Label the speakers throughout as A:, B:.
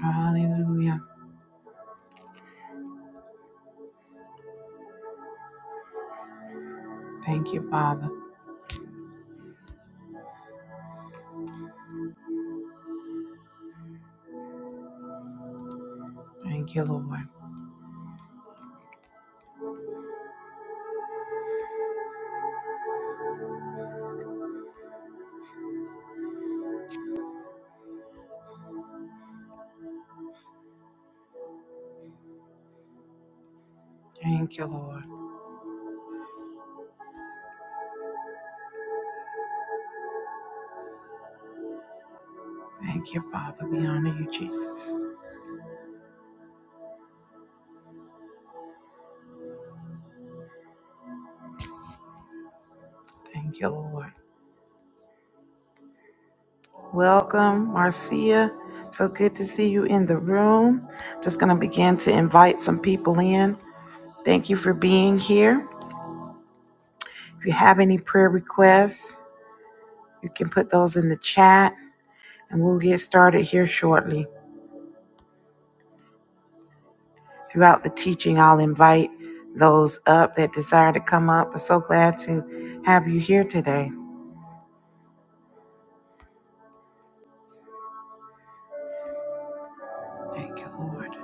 A: Hallelujah. Thank you, Father. Thank you, Lord. Thank you, Lord. Thank you, Father. We honor you, Jesus. Thank you, Lord. Welcome, Marcia. So good to see you in the room. Just going to begin to invite some people in. Thank you for being here. If you have any prayer requests, you can put those in the chat and we'll get started here shortly. Throughout the teaching, I'll invite those up that desire to come up. We're so glad to have you here today. Thank you, Lord.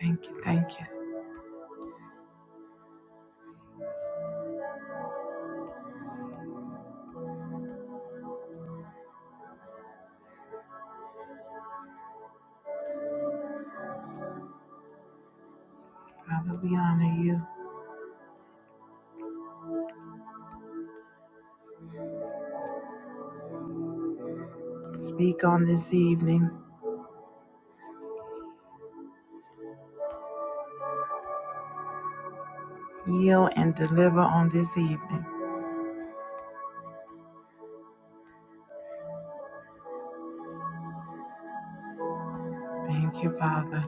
A: Thank you, thank you. Father, we honor you. Speak on this evening. Heal and deliver on this evening. Thank you, Father.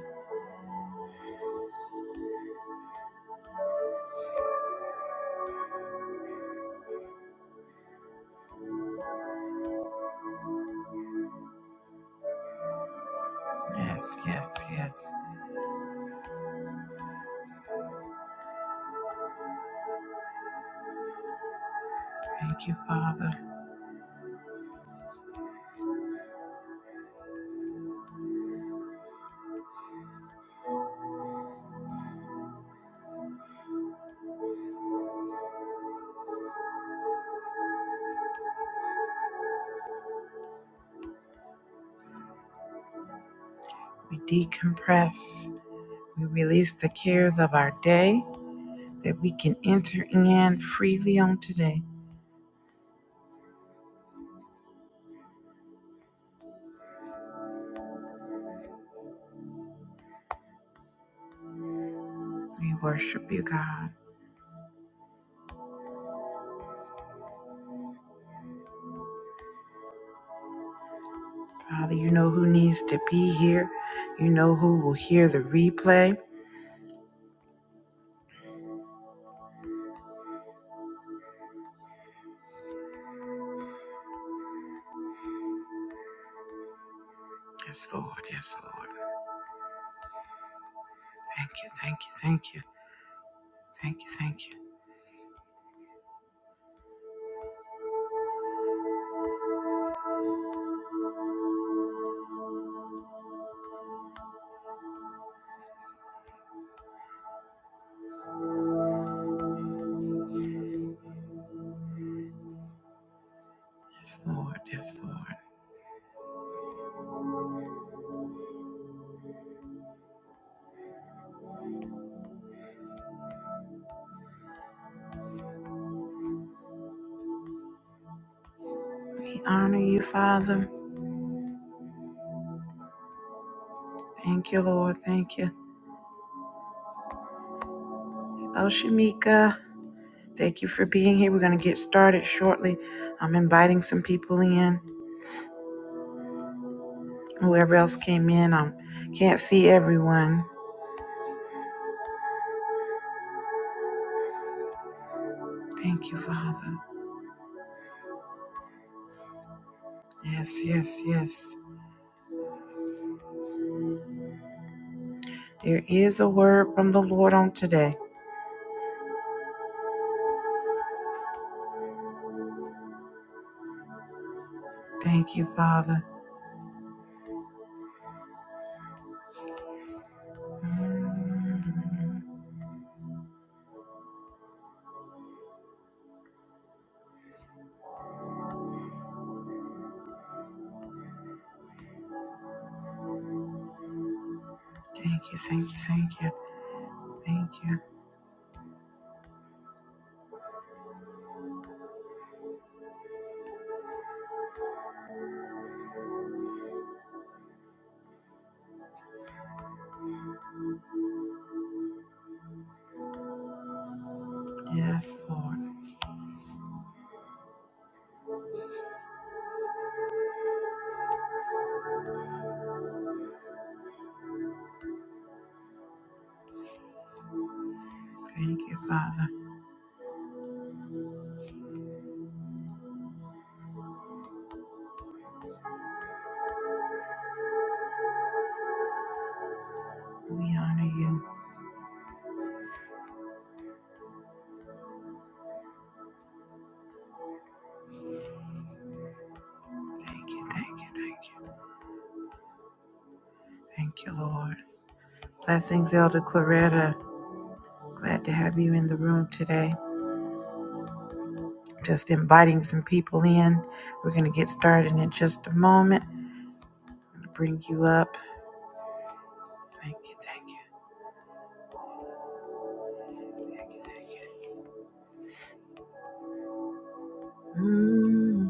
A: Yes, yes, yes. Thank you, Father. We decompress. We release the cares of our day that we can enter in freely on today. We worship you, God. Father, you know who needs to be here. You know who will hear the replay. Yes, Lord. Yes, Lord. Thank you, thank you, thank you. Thank you, thank you. Yes, Lord, yes, Lord. We honor you, Father. Thank you, Lord. Thank you. Hello, Shamika. Thank you for being here. We're going to get started shortly. I'm inviting some people in. Whoever else came in, I can't see everyone. Thank you, Father. Yes, yes, yes. There is a word from the Lord on today. Thank you, Father. Thank you, thank you, thank you, thank you. Yes, Lord. Thank you, Father. We honor you. Thank you, thank you, thank you. Thank you, Lord. Blessings, Elder Coretta. Glad to have you in the room today. Just inviting some people in. We're going to get started in just a moment. I'm gonna Bring you up. Thank you, thank you, thank you, thank you. Mm,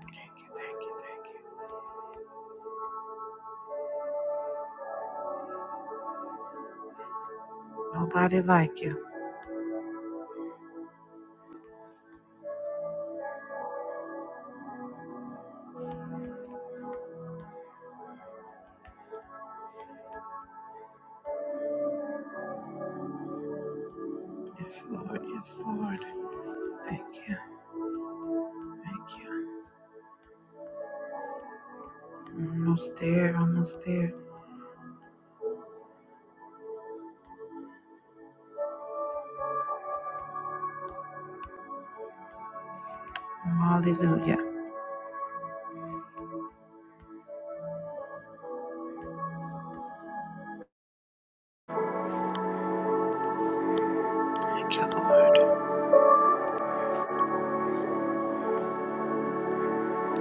A: thank you, thank you, thank you. Nobody like you. Yes, Lord, yes, Lord. Thank you, thank you. Almost there, almost there. Hallelujah. Thank you, Lord.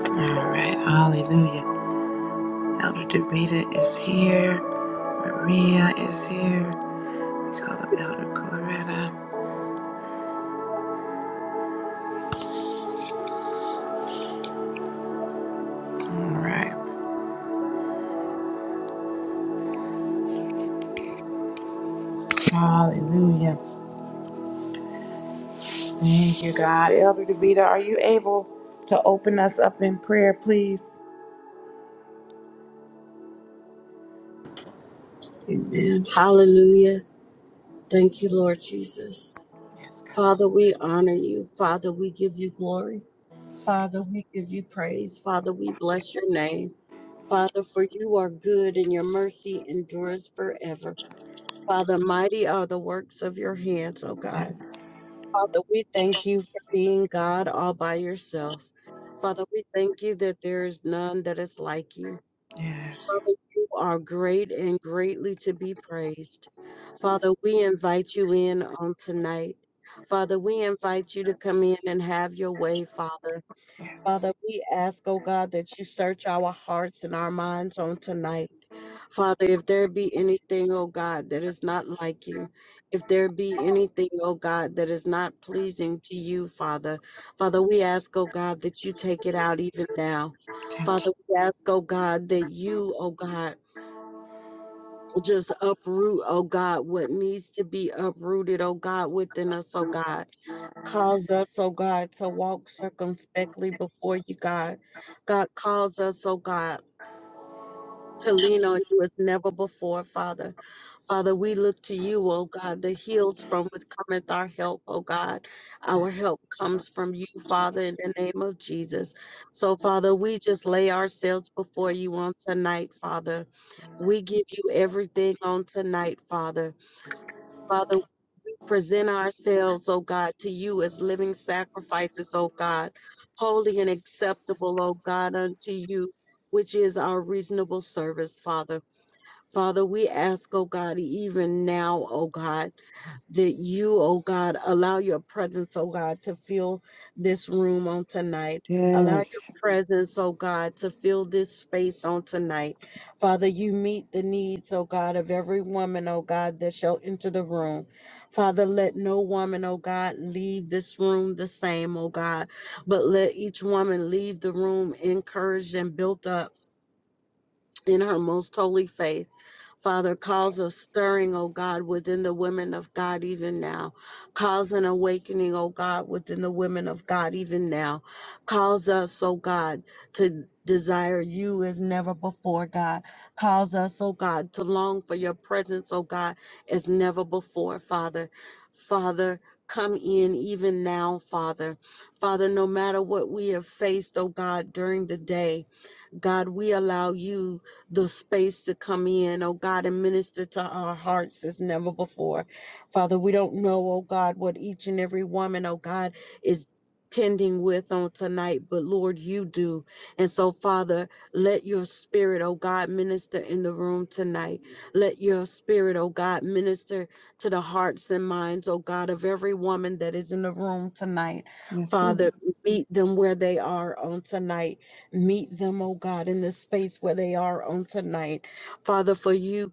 A: All right, hallelujah. Elder Davida is here. Maria is here. We call up Elder Colorado. All right. Hallelujah. Thank you, God. Elder Davida, are you able to open us up in prayer, please?
B: Amen. Hallelujah. Thank you, Lord Jesus.
A: Yes, God.
B: Father, we honor you. Father, we give you glory. Father, we give you praise. Father, we bless your name. Father, for you are good and your mercy endures forever. Father, mighty are the works of your hands, O God.
A: Yes.
B: Father, we thank you for being God all by yourself. Father, we thank you that there is none that is like you.
A: Yes.
B: Father, you are great and greatly to be praised. Father, we invite you in on tonight. Father, we invite you to come in and have your way, Father.
A: Yes.
B: Father, we ask, oh God, that you search our hearts and our minds on tonight. Father, if there be anything, oh God, that is not like you, if there be anything, oh God, that is not pleasing to you, Father, Father, we ask, oh God, that you take it out even now.
A: Thank
B: Father, we ask, oh God, that you, oh God, just uproot, oh God, what needs to be uprooted, oh God, within us, oh God. Cause us, oh God, to walk circumspectly before you, God. God, calls us, oh God, to lean on you as never before, Father. Father, we look to you, oh God, the hills from which cometh our help, oh God. Our help comes from you, Father, in the name of Jesus. So, Father, we just lay ourselves before you on tonight, Father. We give you everything on tonight, Father. Father, present ourselves, O God, to you as living sacrifices, O God, holy and acceptable, O God, unto you, which is our reasonable service, Father. Father, we ask, O God, even now, O God that you, oh God, allow your presence, oh God, to fill this room on tonight.
A: you.
B: Allow your
A: Yes.
B: presence, oh God, to fill this space on tonight. Father, you meet the needs, oh God, of every woman, oh God, that shall enter the room. Father, let no woman, oh God, leave this room the same, oh God, but let each woman leave the room encouraged and built up in her most holy faith. Father, cause a stirring, O God, within the women of God even now. Cause an awakening, O God, within the women of God even now. Cause us, O God, to desire you as never before, God. Cause us, O God, to long for your presence, O God, as never before, Father. Father, come in even now, Father. Father, no matter what we have faced, O God, during the day, God, we allow you the space to come in, oh God, and minister to our hearts as never before. Father, we don't know, oh God, what each and every woman, oh God, is tending with on tonight, but Lord, you do. And so, Father, let your spirit, oh God, minister in the room tonight. Let your spirit, oh God, minister to the hearts and minds, oh God, of every woman that is in the room tonight.
A: Yes, Lord.
B: Father, meet them where they are on tonight Meet them, oh God, in the space where they are on tonight. Father, for you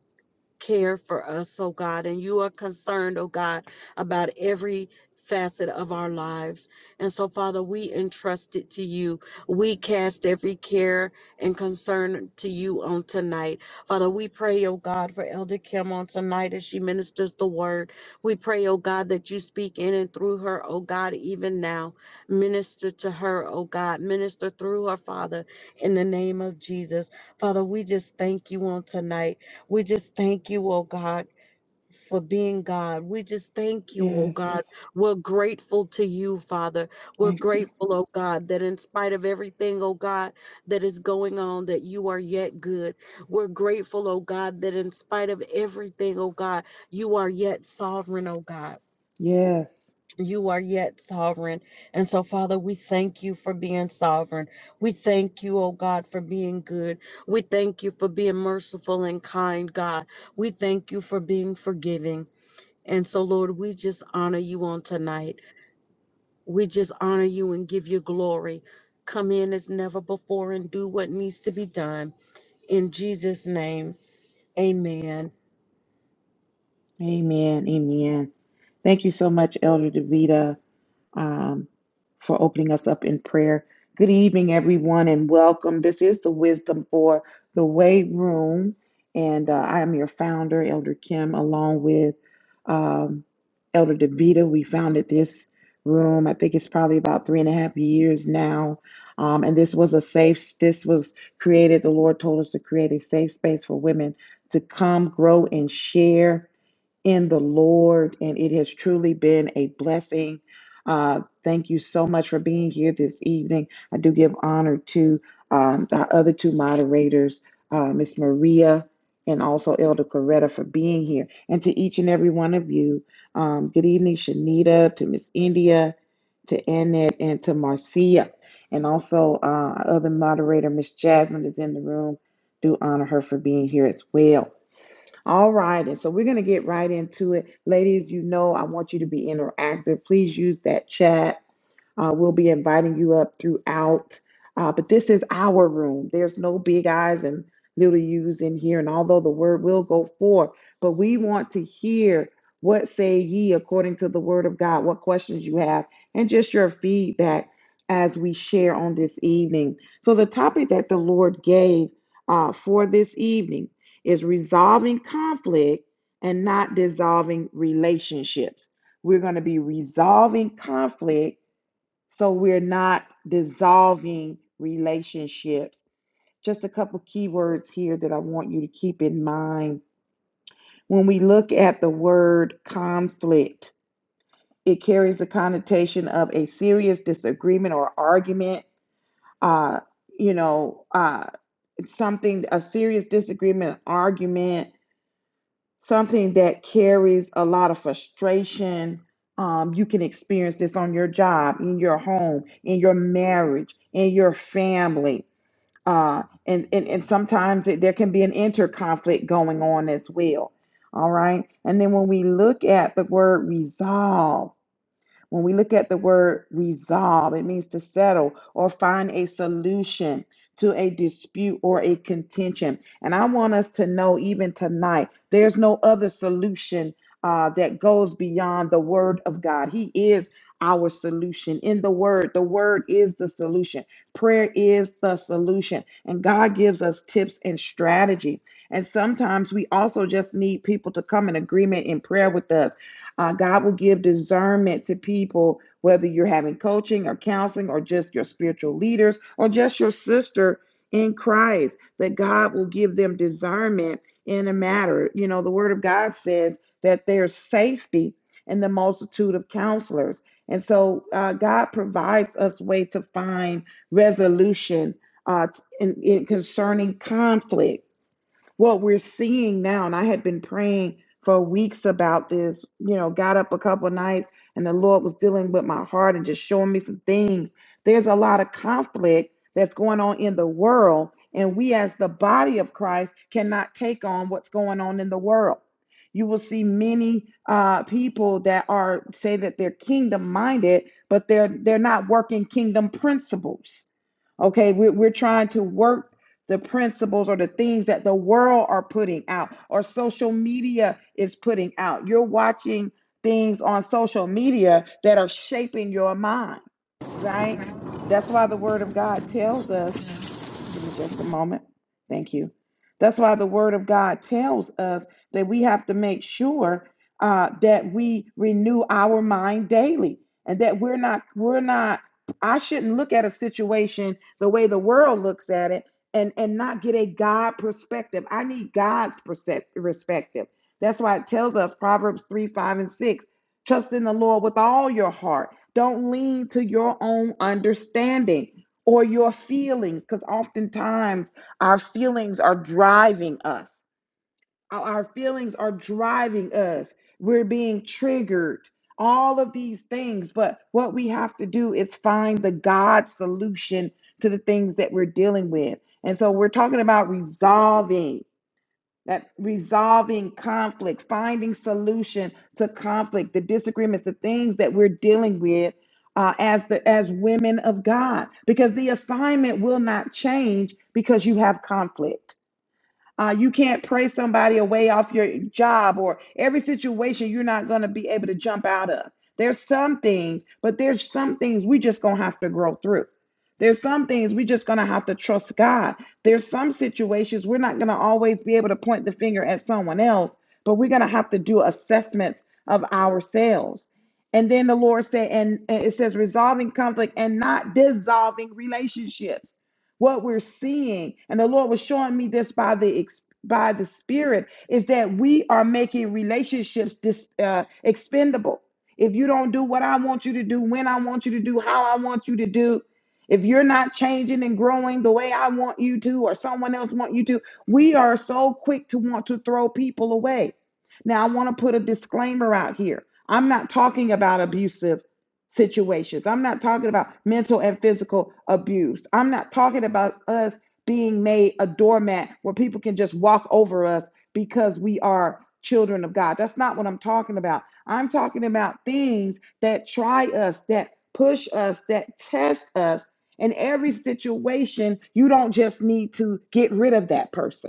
B: care for us, oh God, and you are concerned, oh God, about every facet of our lives. And so, Father, we entrust it to you. We cast every care and concern to you on tonight. Father, we pray, oh God, for Elder Kim on tonight as she ministers the word. We pray, oh God, that you speak in and through her, oh God, even now. Minister to her, oh God. Minister through her, Father, in the name of Jesus. Father, we just thank you on tonight. We just thank you, oh God, for being God. We just thank you, oh God.
A: Yes.
B: We're grateful to you, Father. We're
A: Thank you.
B: grateful, oh God, that in spite of everything, oh God, that is going on, that you are yet good. We're grateful, oh God, that in spite of everything, oh God, you are yet sovereign, oh God.
A: Yes.
B: You are yet sovereign. And so, Father, we thank you for being sovereign. We thank you, oh God, for being good. We thank you for being merciful and kind, God. We thank you for being forgiving. And so, Lord, we just honor you on tonight. We just honor you and give you glory. Come in as never before and do what needs to be done. In Jesus' name, amen.
A: Amen. Amen. Thank you so much, Elder Davida. um, for opening us up in prayer. Good evening, everyone, and welcome. This is the Wisdom for the Way Room, and uh, I am your founder, Elder Kim, along with um, Elder Davita. We founded this room. I think it's probably about three and a half years now. Um, and this was a safe. This was created. The Lord told us to create a safe space for women to come, grow, and share in the Lord, and it has truly been a blessing. Uh, thank you so much for being here this evening. I do give honor to um, our other two moderators, uh, Miss Maria and also Elder Coretta, for being here, and to each and every one of you. Um, good evening, Shanita, to Miss India, to Annette, and to Marcia, and also uh, our other moderator, Miss Jasmine, is in the room. Do honor her for being here as well. All right. And so we're going to get right into it. Ladies, you know, I want you to be interactive. Please use that chat. Uh, we'll be inviting you up throughout. Uh, but this is our room. There's no big eyes and little U's in here. And although the word will go forth, but we want to hear what say ye according to the word of God, what questions you have, and just your feedback as we share on this evening. So, the topic that the Lord gave uh, for this evening is resolving conflict and not dissolving relationships. We're going to be resolving conflict so we're not dissolving relationships. Just a couple keywords here that I want you to keep in mind. When we look at the word conflict, it carries the connotation of a serious disagreement or argument. Uh, you know, uh, something a serious disagreement, argument. something that carries a lot of frustration. Um, you can experience this on your job, in your home, in your marriage, in your family. Uh, and, and, and sometimes it, there can be an interconflict going on as well. All right. And then when we look at the word resolve, when we look at the word resolve, it means to settle or find a solution to a dispute or a contention. And I want us to know, even tonight, there's no other solution uh, that goes beyond the word of God. He is our solution in the word. The word is the solution. Prayer is the solution. And God gives us tips and strategy. And sometimes we also just need people to come in agreement in prayer with us uh, God will give discernment to people, whether you're having coaching or counseling or just your spiritual leaders or just your sister in Christ, that God will give them discernment in a matter. You know, the Word of God says that there's safety in the multitude of counselors. And so uh, God provides us way to find resolution uh, in, in concerning conflict what we're seeing now, and I had been praying for weeks about this, you know, got up a couple of nights and the Lord was dealing with my heart and just showing me some things. There's a lot of conflict that's going on in the world, and we as the body of Christ cannot take on what's going on in the world. You will see many uh, people that are say that they're kingdom minded, but they're they're not working kingdom principles. Okay, we're, we're trying to work the principles or the things that the world are putting out or social media is putting out. You're watching things on social media that are shaping your mind, right? That's why the word of God tells us Give me just a moment. Thank you. That's why the Word of God tells us that we have to make sure uh, that we renew our mind daily, and that we're not we're not. I shouldn't look at a situation the way the world looks at it, and and not get a God perspective. I need God's perspective. That's why it tells us Proverbs three, five, and six. Trust in the Lord with all your heart. Don't lean to your own understanding or your feelings, because oftentimes our feelings are driving us. Our our feelings are driving us. We're being triggered, all of these things. But what we have to do is find the God solution to the things that we're dealing with. And so we're talking about resolving that resolving conflict, finding solution to conflict, the disagreements, the things that we're dealing with uh, as the as women of God, because the assignment will not change because you have conflict uh, you can't pray somebody away off your job or every situation you're not going to be able to jump out of. There's some things, but there's some things we just going to have to grow through. There's some things we just going to have to trust God. There's some situations we're not going to always be able to point the finger at someone else, but we're going to have to do assessments of ourselves. And then the Lord said, and and it says resolving conflict and not dissolving relationships what we're seeing and the lord was showing me this by the by the spirit is that we are making relationships dis, uh, expendable if you don't do what i want you to do when i want you to do how i want you to do if you're not changing and growing the way i want you to or someone else want you to we are so quick to want to throw people away now i want to put a disclaimer out here i'm not talking about abusive situations. I'm not talking about mental and physical abuse. I'm not talking about us being made a doormat where people can just walk over us because we are children of God. That's not what I'm talking about. I'm talking about things that try us, that push us, that test us. In every situation, you don't just need to get rid of that person.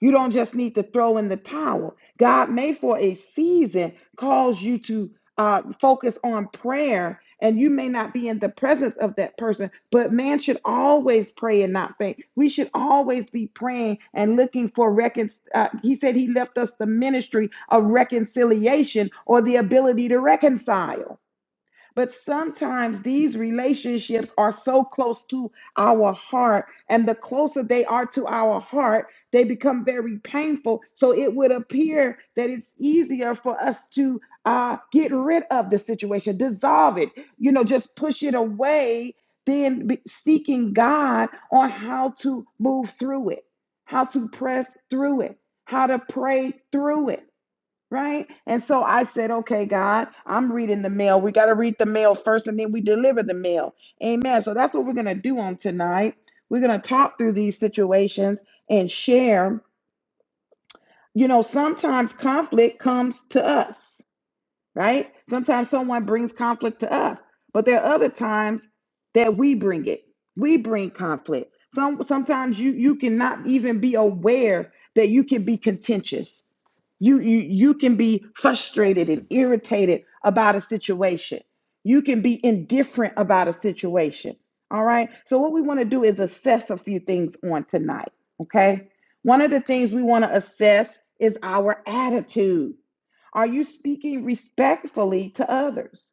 A: You don't just need to throw in the towel. God may, for a season, cause you to uh, focus on prayer, and you may not be in the presence of that person, but man should always pray and not faint. We should always be praying and looking for recon. Uh, he said he left us the ministry of reconciliation or the ability to reconcile. But sometimes these relationships are so close to our heart, and the closer they are to our heart, they become very painful. So it would appear that it's easier for us to uh, get rid of the situation, dissolve it, you know, just push it away than be seeking God on how to move through it, how to press through it, how to pray through it. Right. And so I said, okay, God, I'm reading the mail. We got to read the mail first and then we deliver the mail. Amen. So that's what we're going to do on tonight. We're going to talk through these situations and share. You know, sometimes conflict comes to us, right? Sometimes someone brings conflict to us, but there are other times that we bring it. We bring conflict. Some sometimes you you cannot even be aware that you can be contentious you, you you can be frustrated and irritated about a situation. You can be indifferent about a situation. All right. So what we want to do is assess a few things on tonight. Okay. One of the things we want to assess is our attitude. Are you speaking respectfully to others?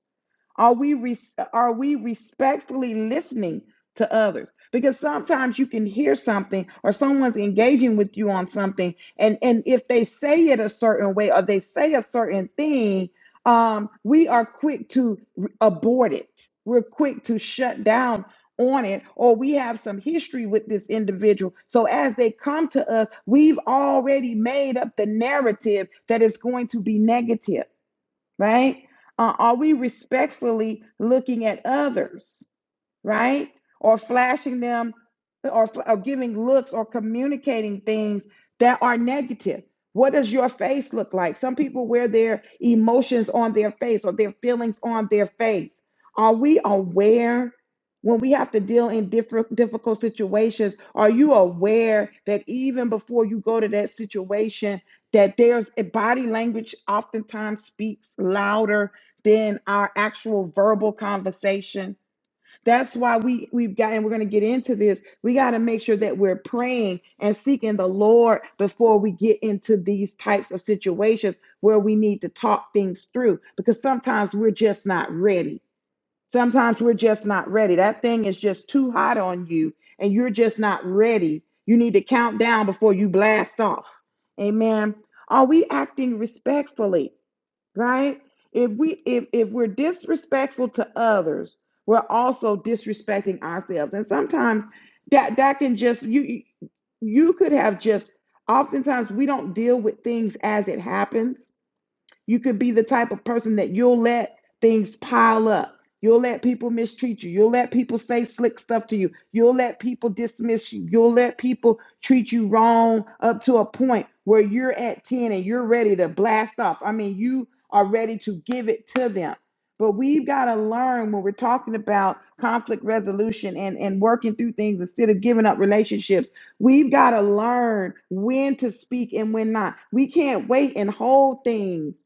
A: Are we res- are we respectfully listening to others? Because sometimes you can hear something or someone's engaging with you on something, and and if they say it a certain way or they say a certain thing, um, we are quick to r- abort it. We're quick to shut down on it, or we have some history with this individual. So as they come to us, we've already made up the narrative that is going to be negative right? Uh, are we respectfully looking at others? right? Or flashing them or, or giving looks or communicating things that are negative. What does your face look like? Some people wear their emotions on their face or their feelings on their face. Are we aware when we have to deal in different difficult situations? Are you aware that even before you go to that situation, that there's a body language oftentimes speaks louder than our actual verbal conversation? That's why we we've got and we're going to get into this. We got to make sure that we're praying and seeking the Lord before we get into these types of situations where we need to talk things through because sometimes we're just not ready. Sometimes we're just not ready. That thing is just too hot on you and you're just not ready. You need to count down before you blast off. Amen. Are we acting respectfully? right if we if if we're disrespectful to others we're also disrespecting ourselves and sometimes that that can just you you could have just oftentimes we don't deal with things as it happens you could be the type of person that you'll let things pile up. You'll let people mistreat you. You'll let people say slick stuff to you. You'll let people dismiss you. You'll let people treat you wrong up to a point where you're at 10 and you're ready to blast off. I mean, you are ready to give it to them. But we've got to learn when we're talking about conflict resolution and, and working through things instead of giving up relationships. We've got to learn when to speak and when not. We can't wait and hold things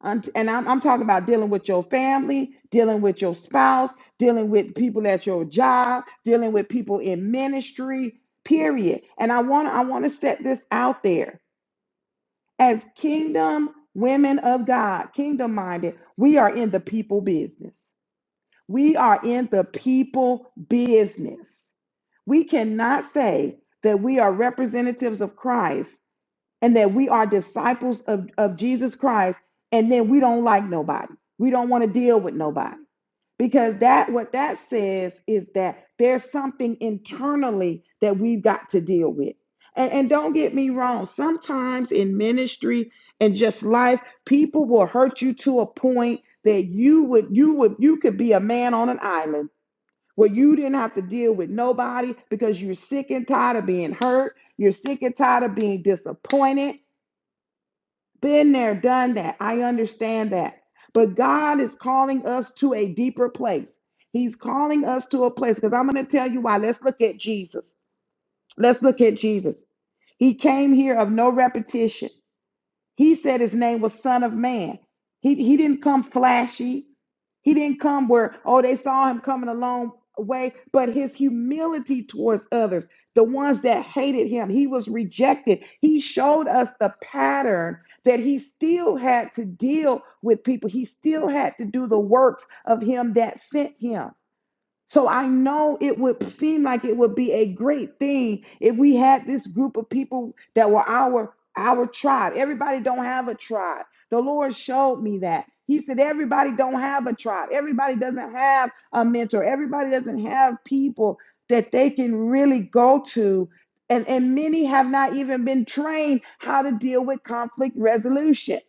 A: I'm- and I'm, I'm talking about dealing with your family, dealing with your spouse, dealing with people at your job, dealing with people in ministry, period. And I want to I want to set this out there. As kingdom women of God, kingdom minded, we are in the people business. We are in the people business. We cannot say that we are representatives of Christ and that we are disciples of, of Jesus Christ, and then we don't like nobody. We don't want to deal with nobody. Because that what that says is that there's something internally that we've got to deal with. And, and don't get me wrong, sometimes in ministry and just life, people will hurt you to a point that you would you would you could be a man on an island where you didn't have to deal with nobody because you're sick and tired of being hurt, you're sick and tired of being disappointed, been there, done that. I understand that. But God is calling us to a deeper place. He's calling us to a place because I'm going to tell you why. Let's look at Jesus. Let's look at Jesus. He came here of no repetition. He said his name was Son of Man. He, he didn't come flashy. He didn't come where, oh, they saw him coming a long way, but his humility towards others, the ones that hated him, he was rejected. He showed us the pattern that he still had to deal with people. He still had to do the works of him that sent him. So I know it would seem like it would be a great thing if we had this group of people that were our our tribe. Everybody don't have a tribe. The Lord showed me that. He said everybody don't have a tribe. Everybody doesn't have a mentor. Everybody doesn't have people that they can really go to. And, and many have not even been trained how to deal with conflict resolution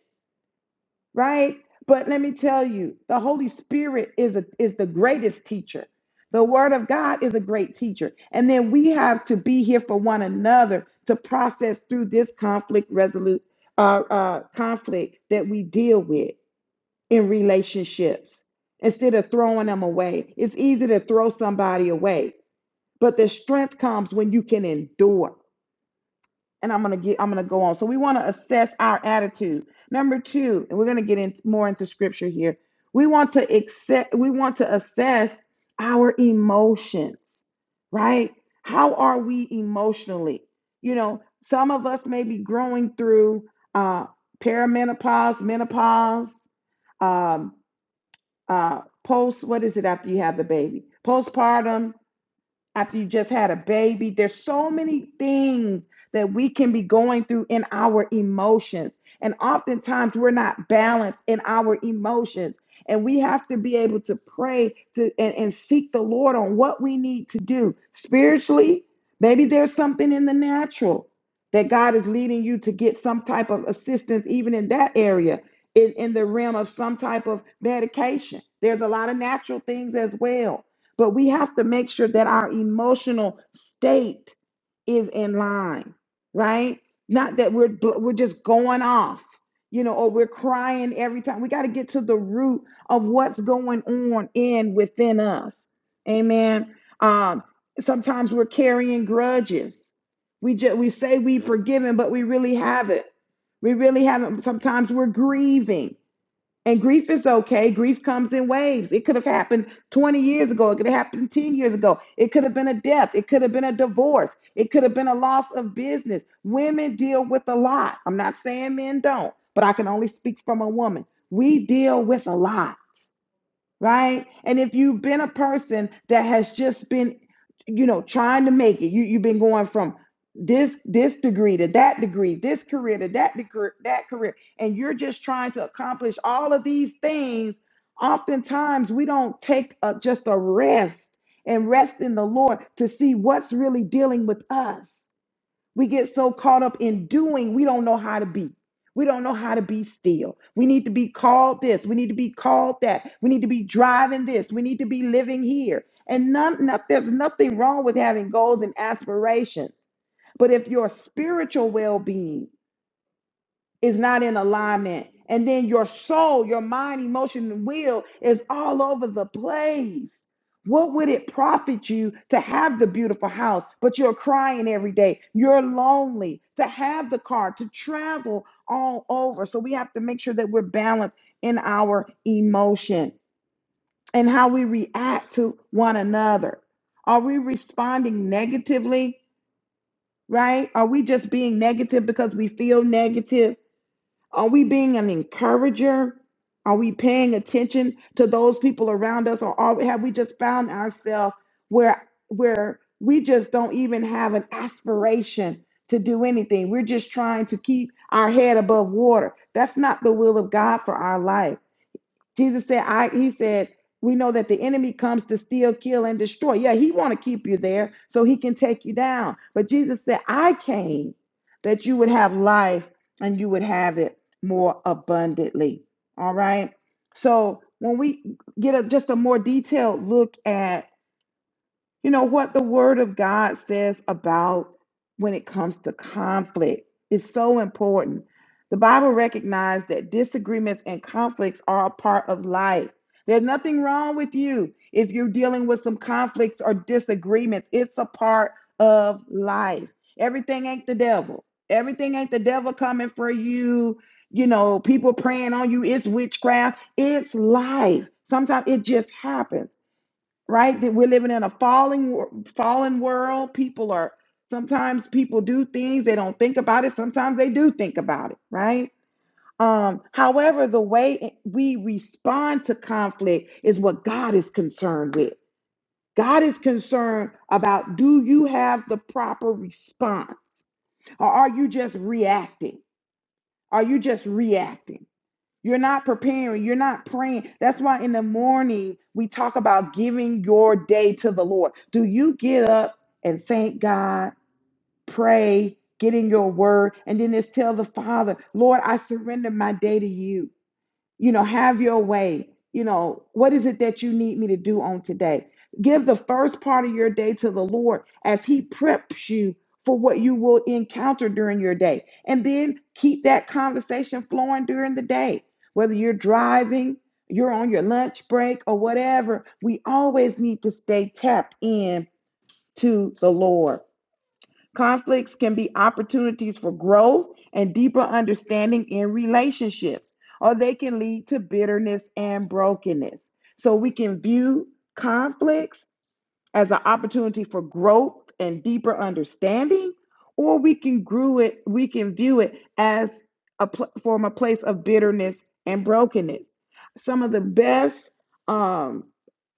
A: right? But let me tell you, the Holy Spirit is a, is the greatest teacher. The Word of God is a great teacher, and then we have to be here for one another to process through this conflict resolute uh, uh, conflict that we deal with in relationships. Instead of throwing them away, it's easy to throw somebody away, but the strength comes when you can endure and I'm gonna get I'm gonna go on. So we want to assess our attitude. Number two, and we're gonna get in more into scripture here. We want to accept. We want to assess our emotions, right? How are we emotionally? You know, some of us may be growing through uh, perimenopause, menopause, um, uh, post. What is it after you have the baby? Postpartum after you just had a baby. There's so many things that we can be going through in our emotions. And oftentimes we're not balanced in our emotions. And we have to be able to pray to and, and seek the Lord on what we need to do spiritually. Maybe there's something in the natural that God is leading you to get some type of assistance, even in that area, in, in the realm of some type of medication. There's a lot of natural things as well but we have to make sure that our emotional state is in line, right? Not that we're bl- we're just going off, you know, or we're crying every time. We got to get to the root of what's going on in within us. Amen. Um, sometimes we're carrying grudges. We just we say we've forgiven, but we really haven't. We really haven't. Sometimes we're grieving. And grief is okay. Grief comes in waves. It could have happened 20 years ago. It could have happened 10 years ago. It could have been a death. It could have been a divorce. It could have been a loss of business. Women deal with a lot. I'm not saying men don't, but I can only speak from a woman. We deal with a lot right? And if you've been a person that has just been, you know, trying to make it, you, you've been going from this this degree to that degree, this career to that degree, that career, and you're just trying to accomplish all of these things. Oftentimes, we don't take a, just a rest and rest in the Lord to see what's really dealing with us. We get so caught up in doing, we don't know how to be. We don't know how to be still. We need to be called this. We need to be called that. We need to be driving this. We need to be living here. And none, not, there's nothing wrong with having goals and aspirations. But if your spiritual well being is not in alignment. And then your soul, your mind, emotion, and will is all over the place. What would it profit you to have the beautiful house, but you're crying every day? You're lonely to have the car, to travel all over. So we have to make sure that we're balanced in our emotion and how we react to one another. Are we responding negatively, right? Are we just being negative because we feel negative? Are we being an encourager? Are we paying attention to those people around us, or are, have we just found ourselves where where we just don't even have an aspiration to do anything? We're just trying to keep our head above water. That's not the will of God for our life. Jesus said, I he said, we know that the enemy comes to steal, kill, and destroy. Yeah, he want to keep you there so he can take you down. But Jesus said, I came that you would have life and you would have it more abundantly. All right. So when we get a, just a more detailed look at you know what the word of god says about when it comes to conflict is so important the bible recognizes that disagreements and conflicts are a part of life there's nothing wrong with you if you're dealing with some conflicts or disagreements it's a part of life everything ain't the devil everything ain't the devil coming for you you know people praying on you it's witchcraft it's life sometimes it just happens right? That we're living in a falling wor- fallen world. People are sometimes people do things they don't think about it. Sometimes they do think about it, right? Um, however, the way we respond to conflict is what God is concerned with. God is concerned about do you have the proper response or are you just reacting? Are you just reacting? You're not preparing. You're not praying. That's why in the morning we talk about giving your day to the Lord. Do you get up and thank God, pray, get in your word, and then just tell the Father, Lord, I surrender my day to you you know, have your way. You know, what is it that you need me to do on today? Give the first part of your day to the Lord as He preps you for what you will encounter during your day. And then keep that conversation flowing during the day, whether you're driving, you're on your lunch break, or whatever. We always need to stay tapped in to the Lord. Conflicts can be opportunities for growth and deeper understanding in relationships, or they can lead to bitterness and brokenness. So we can view conflicts as an opportunity for growth and deeper understanding, or we can grew it, we can view it as a pl- from a place of bitterness and brokenness. Some of the best um,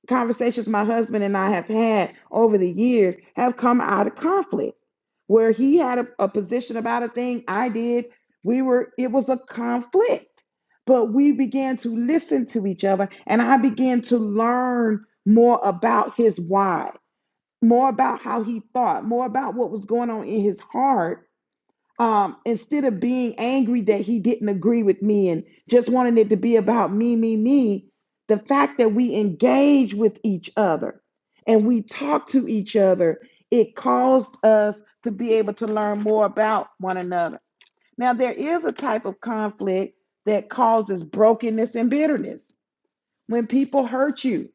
A: conversations my husband and I have had over the years have come out of conflict where he had a, a position about a thing I did. We were, it was a conflict, but we began to listen to each other and I began to learn more about his why, more about how he thought, more about what was going on in his heart um, instead of being angry that he didn't agree with me and just wanting it to be about me, me, me, the fact that we engage with each other and we talk to each other, it caused us to be able to learn more about one another. Now, there is a type of conflict that causes brokenness and bitterness when people hurt you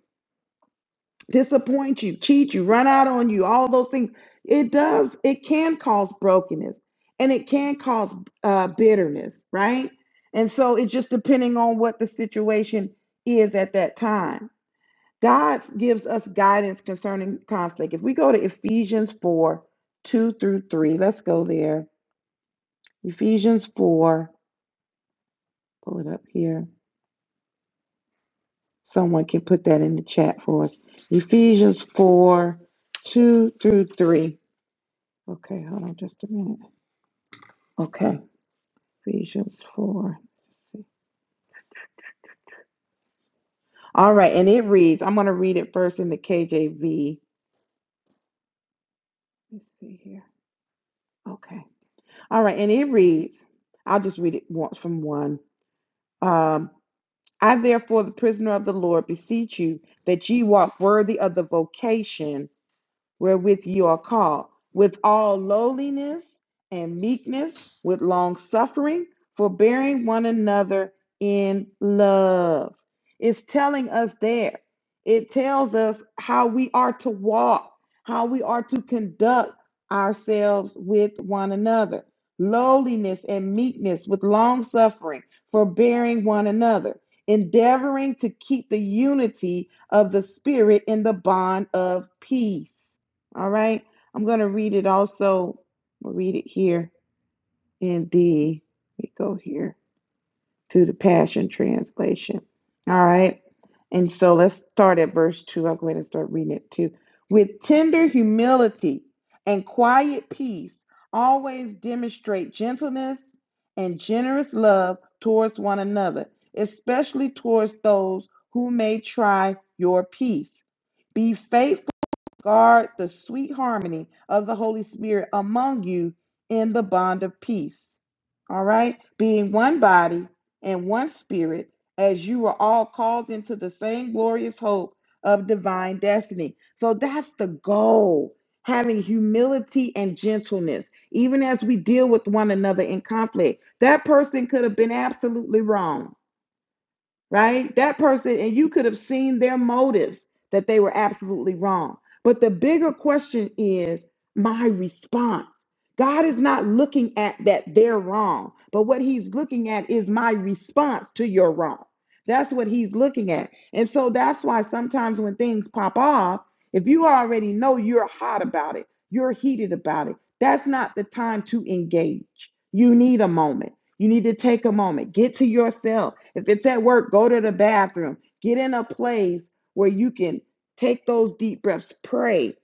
A: disappoint you, cheat you, run out on you, all of those things. It does, it can cause brokenness and it can cause uh, bitterness, right? And so it's just depending on what the situation is at that time. God gives us guidance concerning conflict. If we go to Ephesians 4 2 through 3, let's go there. Ephesians 4, pull it up here. Someone can put that in the chat for us. Ephesians 4 2 through 3. Okay, hold on just a minute. Okay. Ephesians 4. Let's see. All right, and it reads, I'm going to read it first in the KJV. Let's see here. Okay. All right, and it reads, I'll just read it once from one. Um, I, therefore, the prisoner of the Lord, beseech you that ye walk worthy of the vocation wherewith you are called, with all lowliness and meekness, with long suffering, forbearing one another in love. It's telling us there. It tells us how we are to walk, how we are to conduct ourselves with one another. Lowliness and meekness, with long suffering, forbearing one another, endeavoring to keep the unity of the Spirit in the bond of peace. All right. I'm going to read it also. We'll read it here in the, We go here to the Passion Translation. All right. And so let's start at verse 2. I'll go ahead and start reading it too. With tender humility and quiet peace, always demonstrate gentleness and generous love towards one another, especially towards those who may try your peace. Be faithful. Guard the sweet harmony of the Holy Spirit among you in the bond of peace. All right? Being one body and one spirit, as you are all called into the same glorious hope of divine destiny. So that's the goal. Having humility and gentleness, even as we deal with one another in conflict. That person could have been absolutely wrong right? That person, and you could have seen their motives that they were absolutely wrong. But the bigger question is my response. God is not looking at that they're wrong, but what he's looking at is my response to your wrong. That's what he's looking at. And so that's why sometimes when things pop off, if you already know you're hot about it, you're heated about it, that's not the time to engage. You need a moment. You need to take a moment, get to yourself. If it's at work, go to the bathroom. Get in a place where you can take those deep breaths, pray,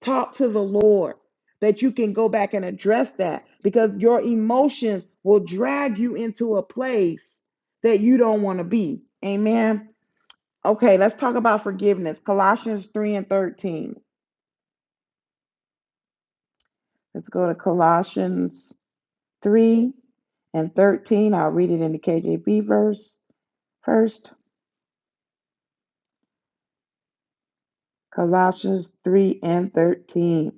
A: talk to the Lord, that you can go back and address that because your emotions will drag you into a place that you don't want to be. Amen. Okay, let's talk about forgiveness. Colossians 3 and 13. Let's go to Colossians 3 and 13. I'll read it in the KJV verse first. Colossians 3 and 13.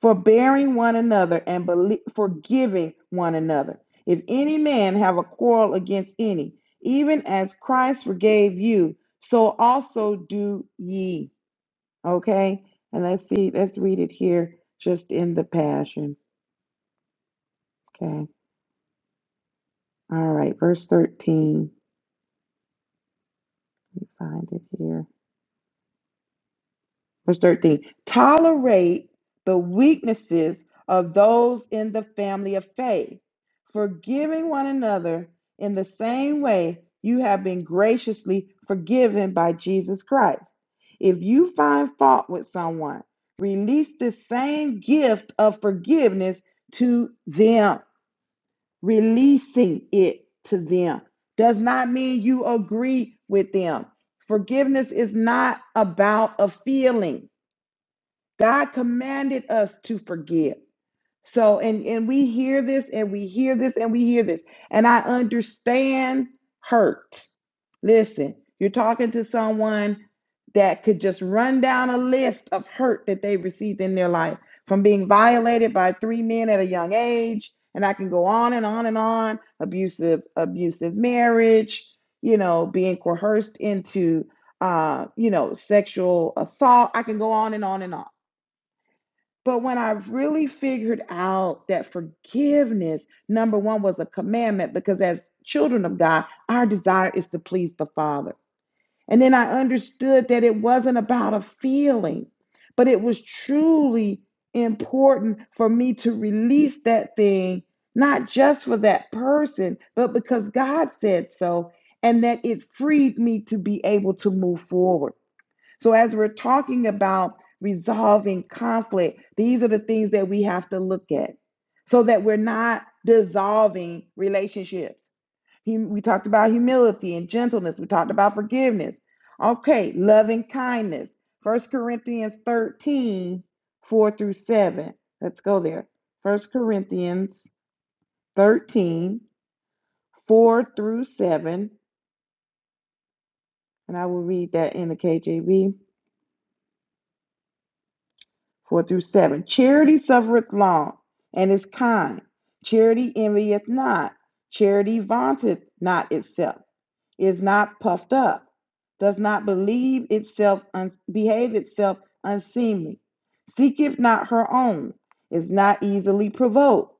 A: Forbearing one another and belie- forgiving one another. If any man have a quarrel against any, even as Christ forgave you, so also do ye. Okay? And let's see, let's read it here just in the passion. Okay. All right, verse 13. Let me find it here. verse 13 tolerate the weaknesses of those in the family of faith forgiving one another in the same way you have been graciously forgiven by jesus christ if you find fault with someone release the same gift of forgiveness to them releasing it to them does not mean you agree with them forgiveness is not about a feeling God commanded us to forgive. So and and we hear this and we hear this and we hear this. And I understand hurt. Listen, you're talking to someone that could just run down a list of hurt that they received in their life from being violated by three men at a young age and I can go on and on and on abusive abusive marriage, you know, being coerced into uh, you know, sexual assault. I can go on and on and on. But when I really figured out that forgiveness, number one, was a commandment, because as children of God, our desire is to please the Father. And then I understood that it wasn't about a feeling, but it was truly important for me to release that thing, not just for that person, but because God said so, and that it freed me to be able to move forward. So, as we're talking about resolving conflict, these are the things that we have to look at so that we're not dissolving relationships. We talked about humility and gentleness, we talked about forgiveness. Okay, love and kindness. First Corinthians 13 4 through 7. Let's go there. First Corinthians 13 4 through 7. And I will read that in the KJV. 4 through 7. Charity suffereth long and is kind. Charity envieth not. Charity vaunteth not itself, is not puffed up, does not believe itself, un- behave itself unseemly, seeketh not her own, is not easily provoked,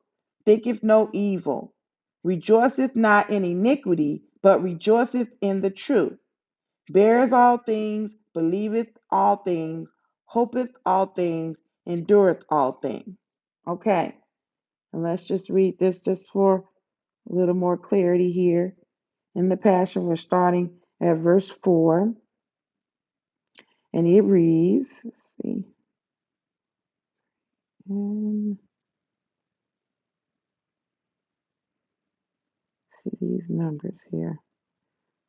A: thinketh no evil, rejoiceth not in iniquity, but rejoiceth in the truth Bears all things, believeth all things, hopeth all things, endureth all things. Okay, and let's just read this just for a little more clarity here. In the Passion, we're starting at verse 4, and it reads, let's see, and see these numbers here.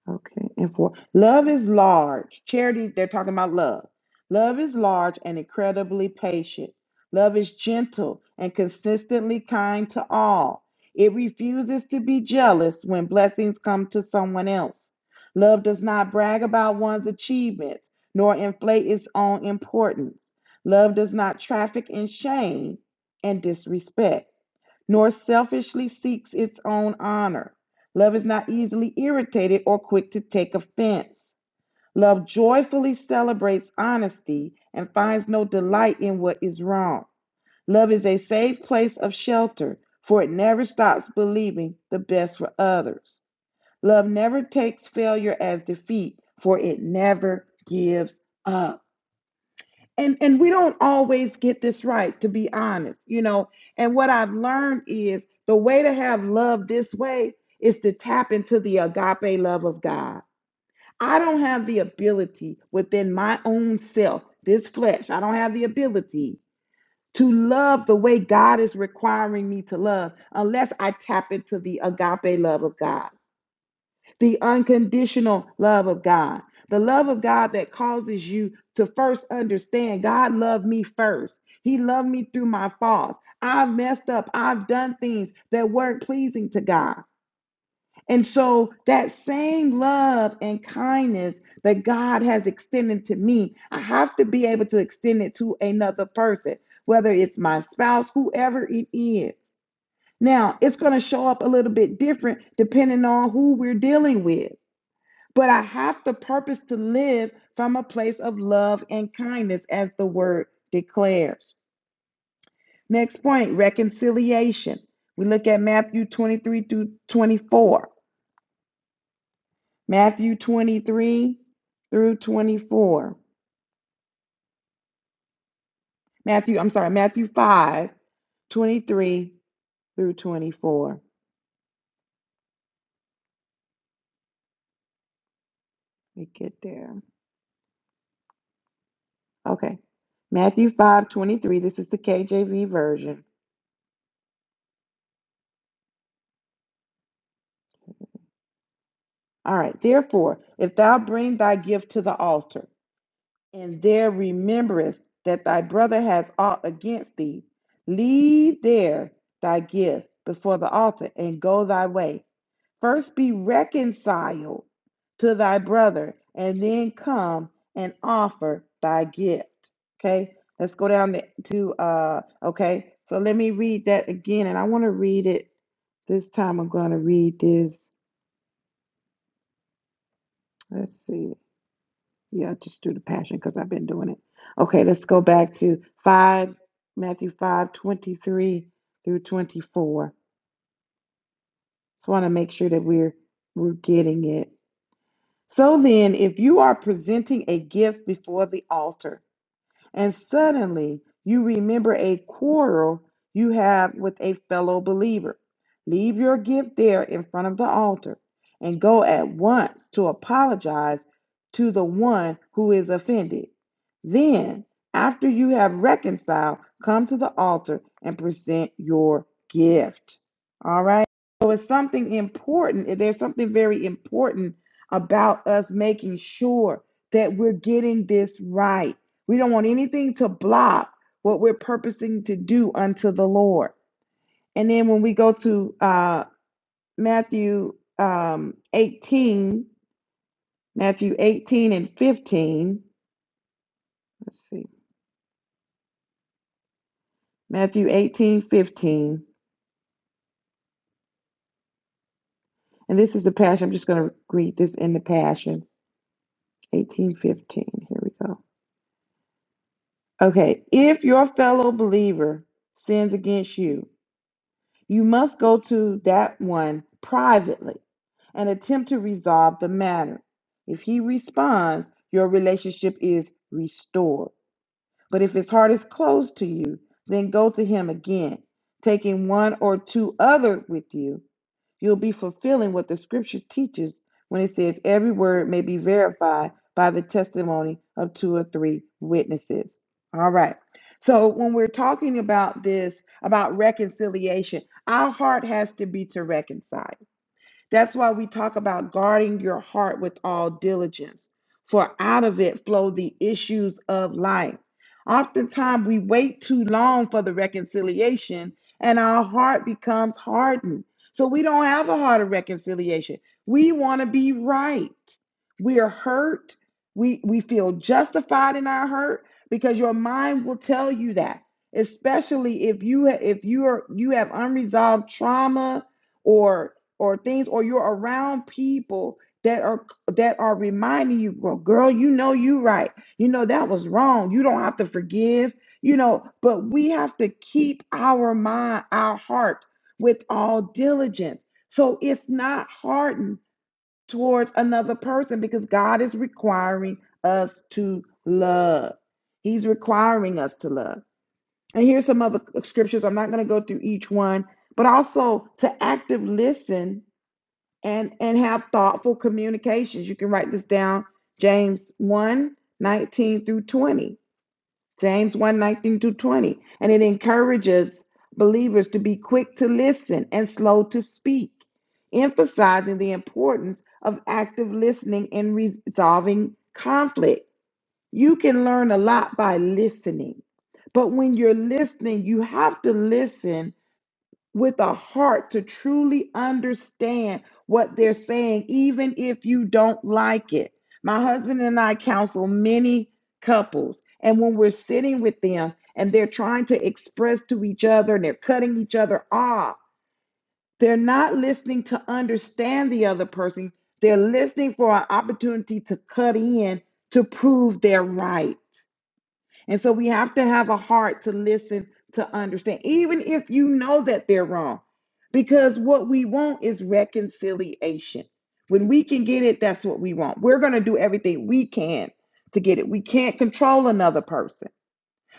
A: Okay, and for love is large. Charity, they're talking about love. Love is large and incredibly patient. Love is gentle and consistently kind to all. It refuses to be jealous when blessings come to someone else. Love does not brag about one's achievements nor inflate its own importance. Love does not traffic in shame and disrespect nor selfishly seeks its own honor. Love is not easily irritated or quick to take offense. Love joyfully celebrates honesty and finds no delight in what is wrong. Love is a safe place of shelter, for it never stops believing the best for others. Love never takes failure as defeat, for it never gives up and and we don't always get this right to be honest you know and what i've learned is the way to have love this way is to tap into the agape love of god i don't have the ability within my own self this flesh i don't have the ability to love the way god is requiring me to love unless i tap into the agape love of god the unconditional love of God, the love of God that causes you to first understand God loved me first. He loved me through my faults. I've messed up, I've done things that weren't pleasing to God. And so that same love and kindness that God has extended to me, I have to be able to extend it to another person, whether it's my spouse, whoever it is. Now, it's going to show up a little bit different depending on who we're dealing with but I have the purpose to live from a place of love and kindness, as the word declares. Next point reconciliation. We look at Matthew 23 through 24. Matthew 23 through 24. Matthew, I'm sorry, Matthew 5, 23 through 24. Let me get there. Okay. Matthew 5, 23. This is the KJV version. All right. Therefore, if thou bring thy gift to the altar, and there rememberest that thy brother has aught against thee, leave there thy gift before the altar and go thy way. First be reconciled to thy brother, and then come and offer thy gift. Okay, let's go down the- to, uh, okay, so let me read that again, and I want to read it this time. I'm going to read this. Let's see. Yeah, just do the passion because I've been doing it. Okay, let's go back to five, Matthew five, twenty-three through twenty-four. Just want to make sure that we're we're getting it. So then, if you are presenting a gift before the altar, and suddenly you remember a quarrel you have with a fellow believer. Leave your gift there in front of the altar and go at once to apologize to the one who is offended. Then, after you have reconciled, come to the altar and present your gift. All right? So it's something important. There's something very important about us making sure that we're getting this right we don't want anything to block what we're purposing to do unto the Lord. And then when we go to uh, Matthew um, 18, Matthew 18 and 15, let's see, Matthew 18:15, and this is the Passion. I'm just going to read this in the Passion. 18:15. Here we go. Okay. If your fellow believer sins against you, You must go to that one privately and attempt to resolve the matter. If he responds, your relationship is restored. But if his heart is closed to you, then go to him again, taking one or two other with you. You'll be fulfilling what the scripture teaches when it says every word may be verified by the testimony of two or three witnesses. All right. So when we're talking about this, about reconciliation, our heart has to be to reconcile. That's why we talk about guarding your heart with all diligence, for out of it flow the issues of life. Oftentimes, we wait too long for the reconciliation, and our heart becomes hardened. So, we don't have a heart of reconciliation. We want to be right. We are hurt. We, we feel justified in our hurt because your mind will tell you that especially if you if you are you have unresolved trauma or or things or you're around people that are that are reminding you well girl you know you right you know that was wrong you don't have to forgive you know but we have to keep our mind our heart with all diligence so it's not hardened towards another person because god is requiring us to love he's requiring us to love and here's some other scriptures i'm not going to go through each one but also to active listen and and have thoughtful communications. You can write this down, James one 19 through 20. James one 19 through 20. And it encourages believers to be quick to listen and slow to speak, emphasizing the importance of active listening and resolving conflict. You can learn a lot by listening. But when you're listening, you have to listen with a heart to truly understand what they're saying, even if you don't like it. My husband and I counsel many couples, and when we're sitting with them and they're trying to express to each other and they're cutting each other off, they're not listening to understand the other person. They're listening for an opportunity to cut in to prove they're right. And so we have to have a heart to listen, to understand, even if you know that they're wrong, because what we want is reconciliation. When we can get it, that's what we want. We're going to do everything we can to get it. We can't control another person.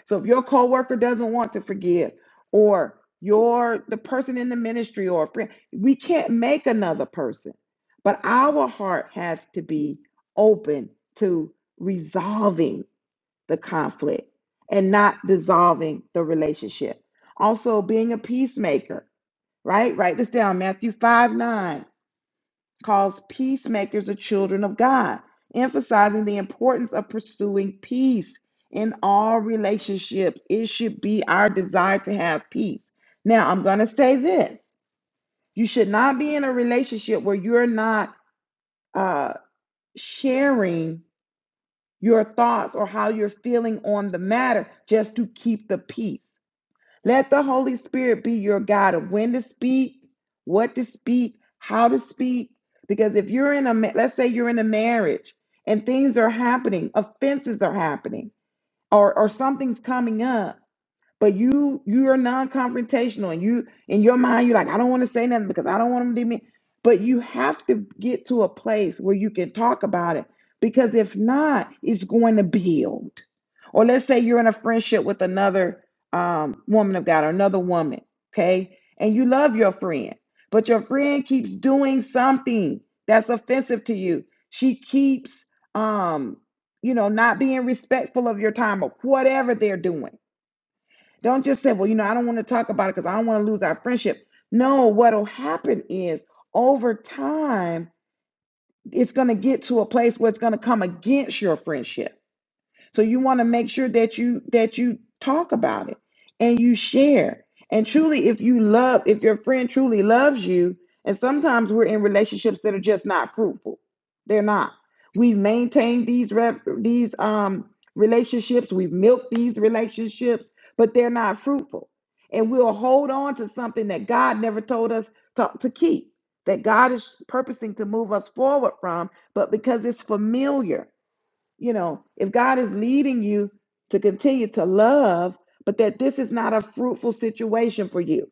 A: So if your coworker doesn't want to forgive or your the person in the ministry or a friend, we can't make another person. But our heart has to be open to resolving the conflict and not dissolving the relationship. Also, being a peacemaker, right? Write this down. Matthew 5 9 calls peacemakers the children of God, emphasizing the importance of pursuing peace in all relationships. It should be our desire to have peace. Now, I'm going to say this you should not be in a relationship where you're not uh, sharing your thoughts or how you're feeling on the matter just to keep the peace. Let the Holy Spirit be your guide of when to speak, what to speak, how to speak. Because if you're in a, let's say you're in a marriage and things are happening, offenses are happening, or, or something's coming up, but you you are non-confrontational and you in your mind you're like, I don't want to say nothing because I don't want them to be but you have to get to a place where you can talk about it because if not, it's going to build. Or let's say you're in a friendship with another um, woman of God or another woman, okay? And you love your friend, but your friend keeps doing something that's offensive to you. She keeps um, you know, not being respectful of your time or whatever they're doing don't just say, well, you know, I don't want to talk about it because I don't want to lose our friendship. No, what'll happen is over time, it's going to get to a place where it's going to come against your friendship so you want to make sure that you that you talk about it and you share. And truly, if you love, if your friend truly loves you, and sometimes we're in relationships that are just not fruitful. They're not. We've maintained these rep, these um relationships. We've milked these relationships, but they're not fruitful. And we'll hold on to something that God never told us to, to keep. That God is purposing to move us forward from, but because it's familiar you know, if God is leading you to continue to love, but that this is not a fruitful situation for you.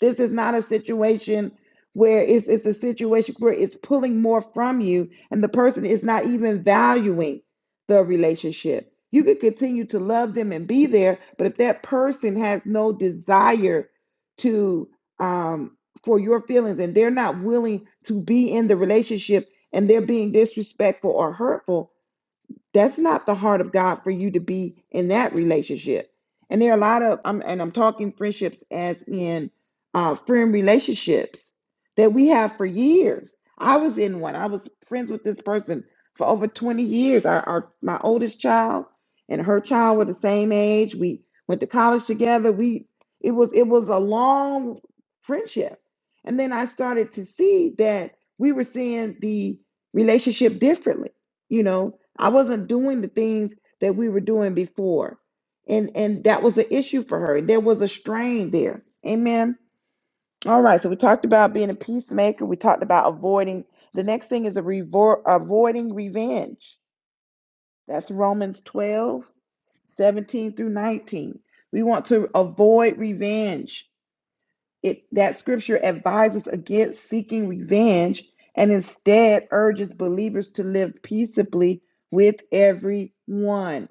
A: This is not a situation where it's, it's a situation where it's pulling more from you and the person is not even valuing the relationship. You could continue to love them and be there, but if that person has no desire to um for your feelings and they're not willing to be in the relationship and they're being disrespectful or hurtful, that's not the heart of God for you to be in that relationship. And there are a lot of, I'm, and I'm talking friendships as in uh, friend relationships that we have for years. I was in one. I was friends with this person for over 20 years. Our, our my oldest child and her child were the same age. We went to college together. We it was it was a long friendship. And then I started to see that we were seeing the relationship differently you know i wasn't doing the things that we were doing before and and that was the issue for her there was a strain there amen all right so we talked about being a peacemaker we talked about avoiding the next thing is a revor- avoiding revenge that's romans 12 17 through 19 we want to avoid revenge it that scripture advises against seeking revenge and instead urges believers to live peaceably with everyone.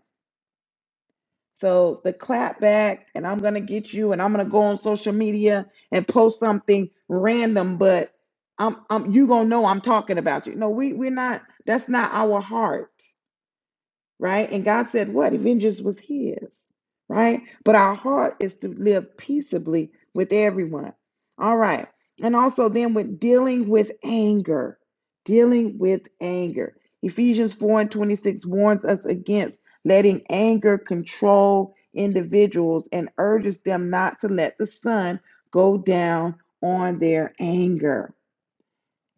A: So the clap back and I'm going to get you and I'm going to go on social media and post something random but I'm, I'm you going to know I'm talking about you. No, we we're not that's not our heart right? And God said, What? Vengeance was His, right? But our heart is to live peaceably with everyone. All right. And also, then with dealing with anger, dealing with anger. Ephesians 4 and 26 warns us against letting anger control individuals and urges them not to let the sun go down on their anger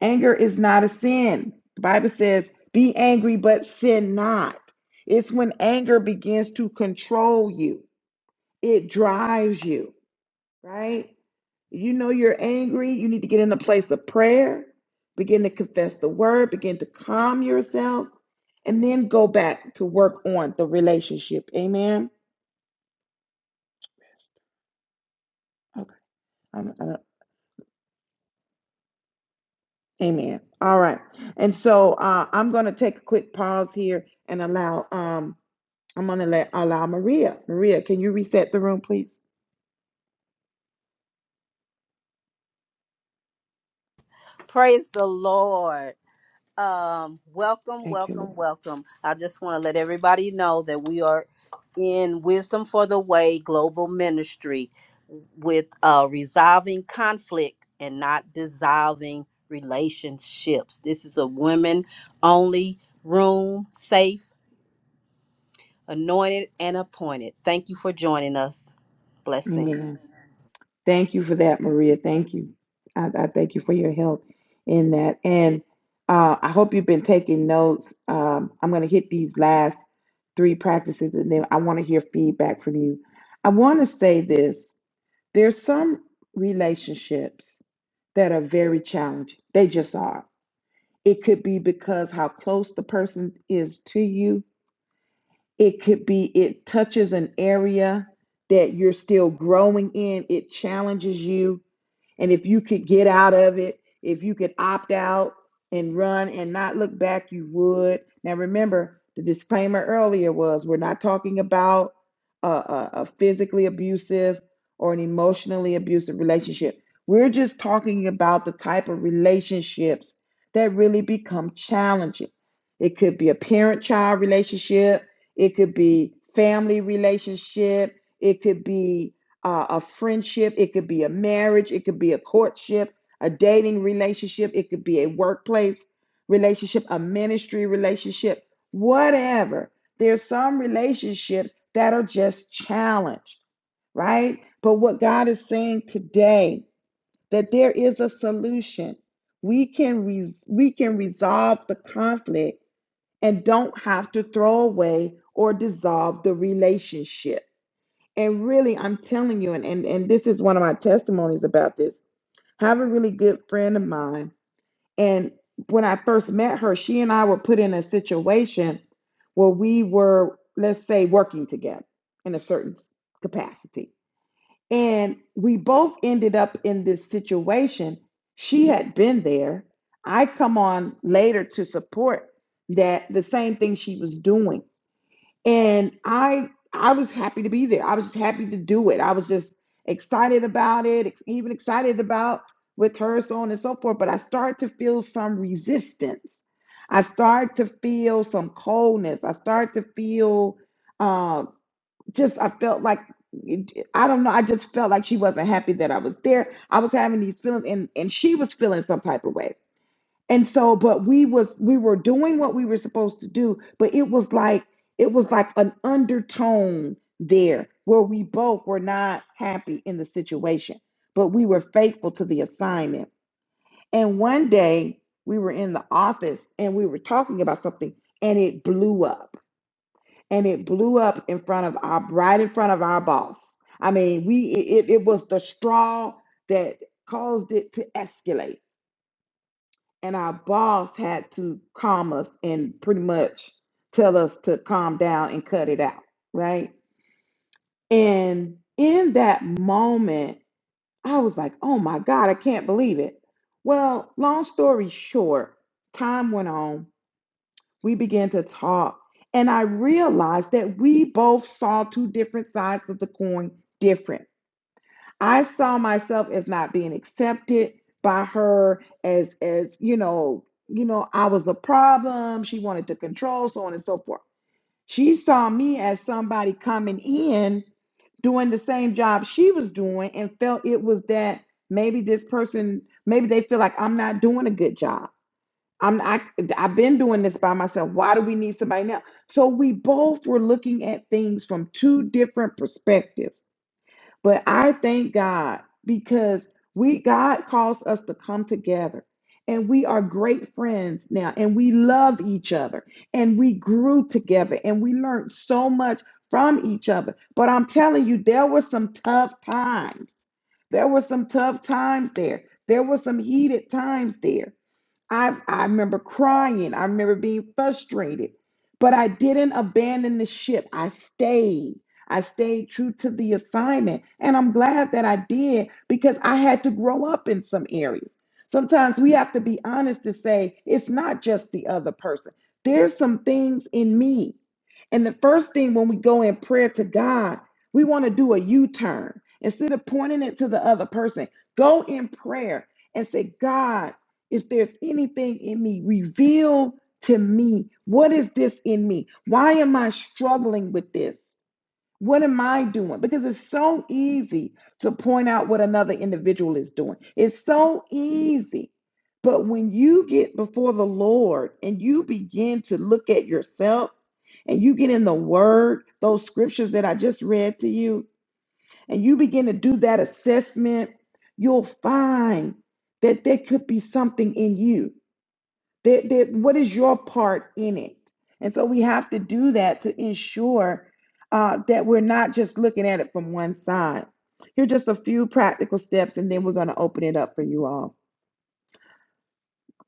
A: Anger is not a sin. The Bible says, be angry, but sin not. It's when anger begins to control you, it drives you, right? You know you're angry. You need to get in a place of prayer, begin to confess the word, begin to calm yourself, and then go back to work on the relationship. Amen. Okay. I don't- I don't- amen. All right. And so uh, I'm going to take a quick pause here and allow. Um, I'm going to let allow Maria. Maria, can you reset the room, please?
C: Praise the Lord. Um, welcome,
A: Thank you,
C: welcome,
A: Lord.
C: welcome. I just want to let everybody know that we are in Wisdom for the Way Global Ministry with uh, resolving conflict and not dissolving relationships. This is a women only room, safe, anointed, and appointed. Thank you for joining us. Blessings.
A: Amen. Thank you for that, Maria. Thank you. I, I thank you for your help in that. And uh, I hope you've been taking notes. Um, I'm going to hit these last three practices and then I want to hear feedback from you. I want to say this there's some relationships that are very challenging, they just are. It could be because how close the person is to you, It could be it touches an area that you're still growing in. It challenges you and if you could get out of it, if you could opt out and run and not look back, you would. Now, remember, the disclaimer earlier was we're not talking about a, a, a physically abusive or an emotionally abusive relationship. We're just talking about the type of relationships that really become challenging. It could be a parent child relationship, it could be family relationship, it could be uh, a friendship, it could be a marriage, it could be a courtship, a dating relationship, it could be a workplace relationship, a ministry relationship, whatever. There's some relationships that are just challenged, right? But what God is saying today that there is a solution. We can res- we can resolve the conflict and don't have to throw away or dissolve the relationship and really, I'm telling you, and, and and this is one of my testimonies about this. I have a really good friend of mine, and when I first met her, she and I were put in a situation where we were, let's say, working together in a certain s- capacity, and we both ended up in this situation. She had been there. I come on later to support that the same thing she was doing and i i was happy to be there i was just happy to do it i was just excited about it ex- even excited about with her so on and so forth but i start to feel some resistance i start to feel some coldness i start to feel um just i felt like i don't know i just felt like she wasn't happy that i was there i was having these feelings and and she was feeling some type of way and so but we was we were doing what we were supposed to do but it was like it was like an undertone there where we both were not happy in the situation but we were faithful to the assignment and one day we were in the office and we were talking about something and it blew up and it blew up in front of our right in front of our boss i mean we it, it was the straw that caused it to escalate and our boss had to calm us and pretty much tell us to calm down and cut it out, right? And in that moment, I was like, oh my God, I can't believe it. Well, long story short, time went on. We began to talk, and I realized that we both saw two different sides of the coin different. I saw myself as not being accepted by her as as you know, you know, I was a problem. She wanted to control, so on and so forth. She saw me as somebody coming in doing the same job she was doing and felt it was that maybe this person maybe they feel like I'm not doing a good job. I'm I I've been doing this by myself. Why do we need somebody now? So we both were looking at things from two different perspectives but I thank God because we God calls us to come together and we are great friends now and we love each other and we grew together and we learned so much from each other. But I'm telling you there were some tough times. There were some tough times there. There were some heated times there. I, I remember crying. I remember being frustrated, but I didn't abandon the ship. I stayed. I stayed true to the assignment. And I'm glad that I did because I had to grow up in some areas. Sometimes we have to be honest to say it's not just the other person, there's some things in me. And the first thing when we go in prayer to God, we want to do a U turn. Instead of pointing it to the other person, go in prayer and say, God, if there's anything in me, reveal to me what is this in me? Why am I struggling with this? What am I doing? Because it's so easy to point out what another individual is doing. It's so easy. But when you get before the Lord and you begin to look at yourself and you get in the Word, those scriptures that I just read to you, and you begin to do that assessment, you'll find that there could be something in you there, there, what is your part in it? And so we have to do that to ensure uh, that we're not just looking at it from one side. Here are just a few practical steps, and then we're going to open it up for you all.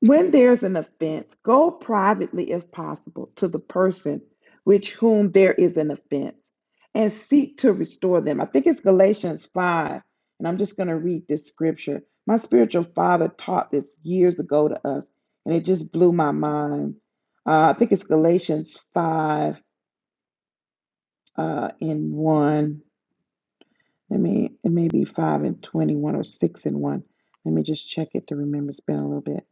A: When there's an offense, go privately if possible to the person which whom there is an offense and seek to restore them. I think it's Galatians 5, and I'm just going to read this scripture. My spiritual father taught this years ago to us, and it just blew my mind. Uh, I think it's Galatians 5 uh, in 1. Let me, it may be 5 and 21 or 6 and 1. Let me just check it to remember. It's been a little bit.